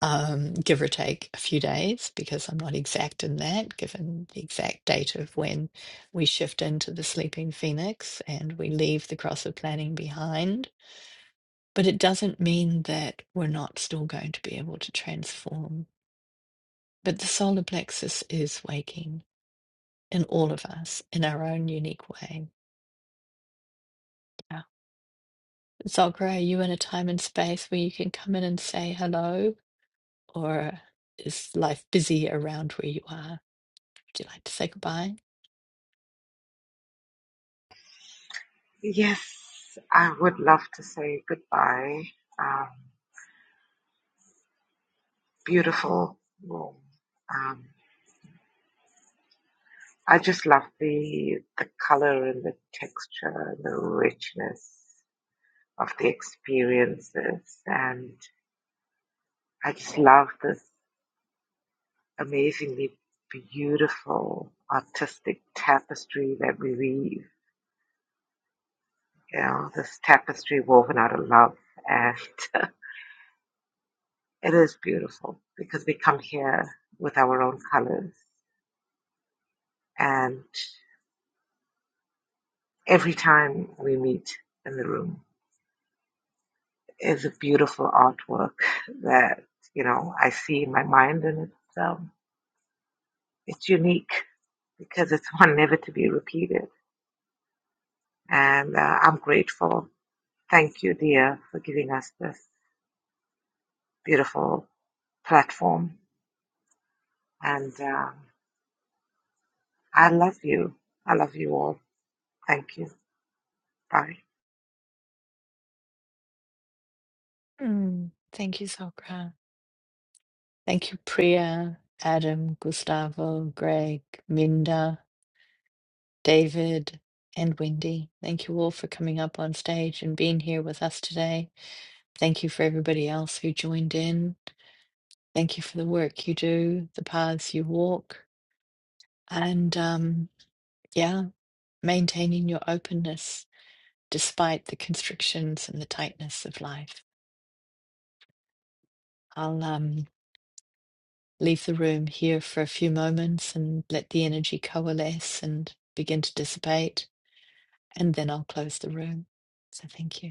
[SPEAKER 1] um, give or take a few days, because I'm not exact in that, given the exact date of when we shift into the sleeping phoenix and we leave the cross of planning behind. But it doesn't mean that we're not still going to be able to transform. But the solar plexus is waking in all of us in our own unique way. Yeah. Zogra, are you in a time and space where you can come in and say hello, or is life busy around where you are? Would you like to say goodbye?
[SPEAKER 2] Yes, I would love to say goodbye. Um, beautiful room. Um, I just love the the color and the texture and the richness of the experiences, and I just love this amazingly beautiful artistic tapestry that we weave. You know, this tapestry woven out of love, and it is beautiful because we come here with our own colors and. every time we meet in the room is a beautiful artwork that you know I see in my mind, and it's um, it's unique because it's one never to be repeated. And uh, I'm grateful. Thank you, dear, for giving us this beautiful platform. And um I love you. I love you all. Thank you. Bye.
[SPEAKER 1] Mm, thank you, Sokra. Thank you, Priya, Adam, Gustavo, Greg, Minda, David, and Wendy. Thank you all for coming up on stage and being here with us today. Thank you for everybody else who joined in. Thank you for the work you do, the paths you walk. and um, yeah, maintaining your openness despite the constrictions and the tightness of life. I'll um, leave the room here for a few moments and let the energy coalesce and begin to dissipate, and then I'll close the room. So thank you.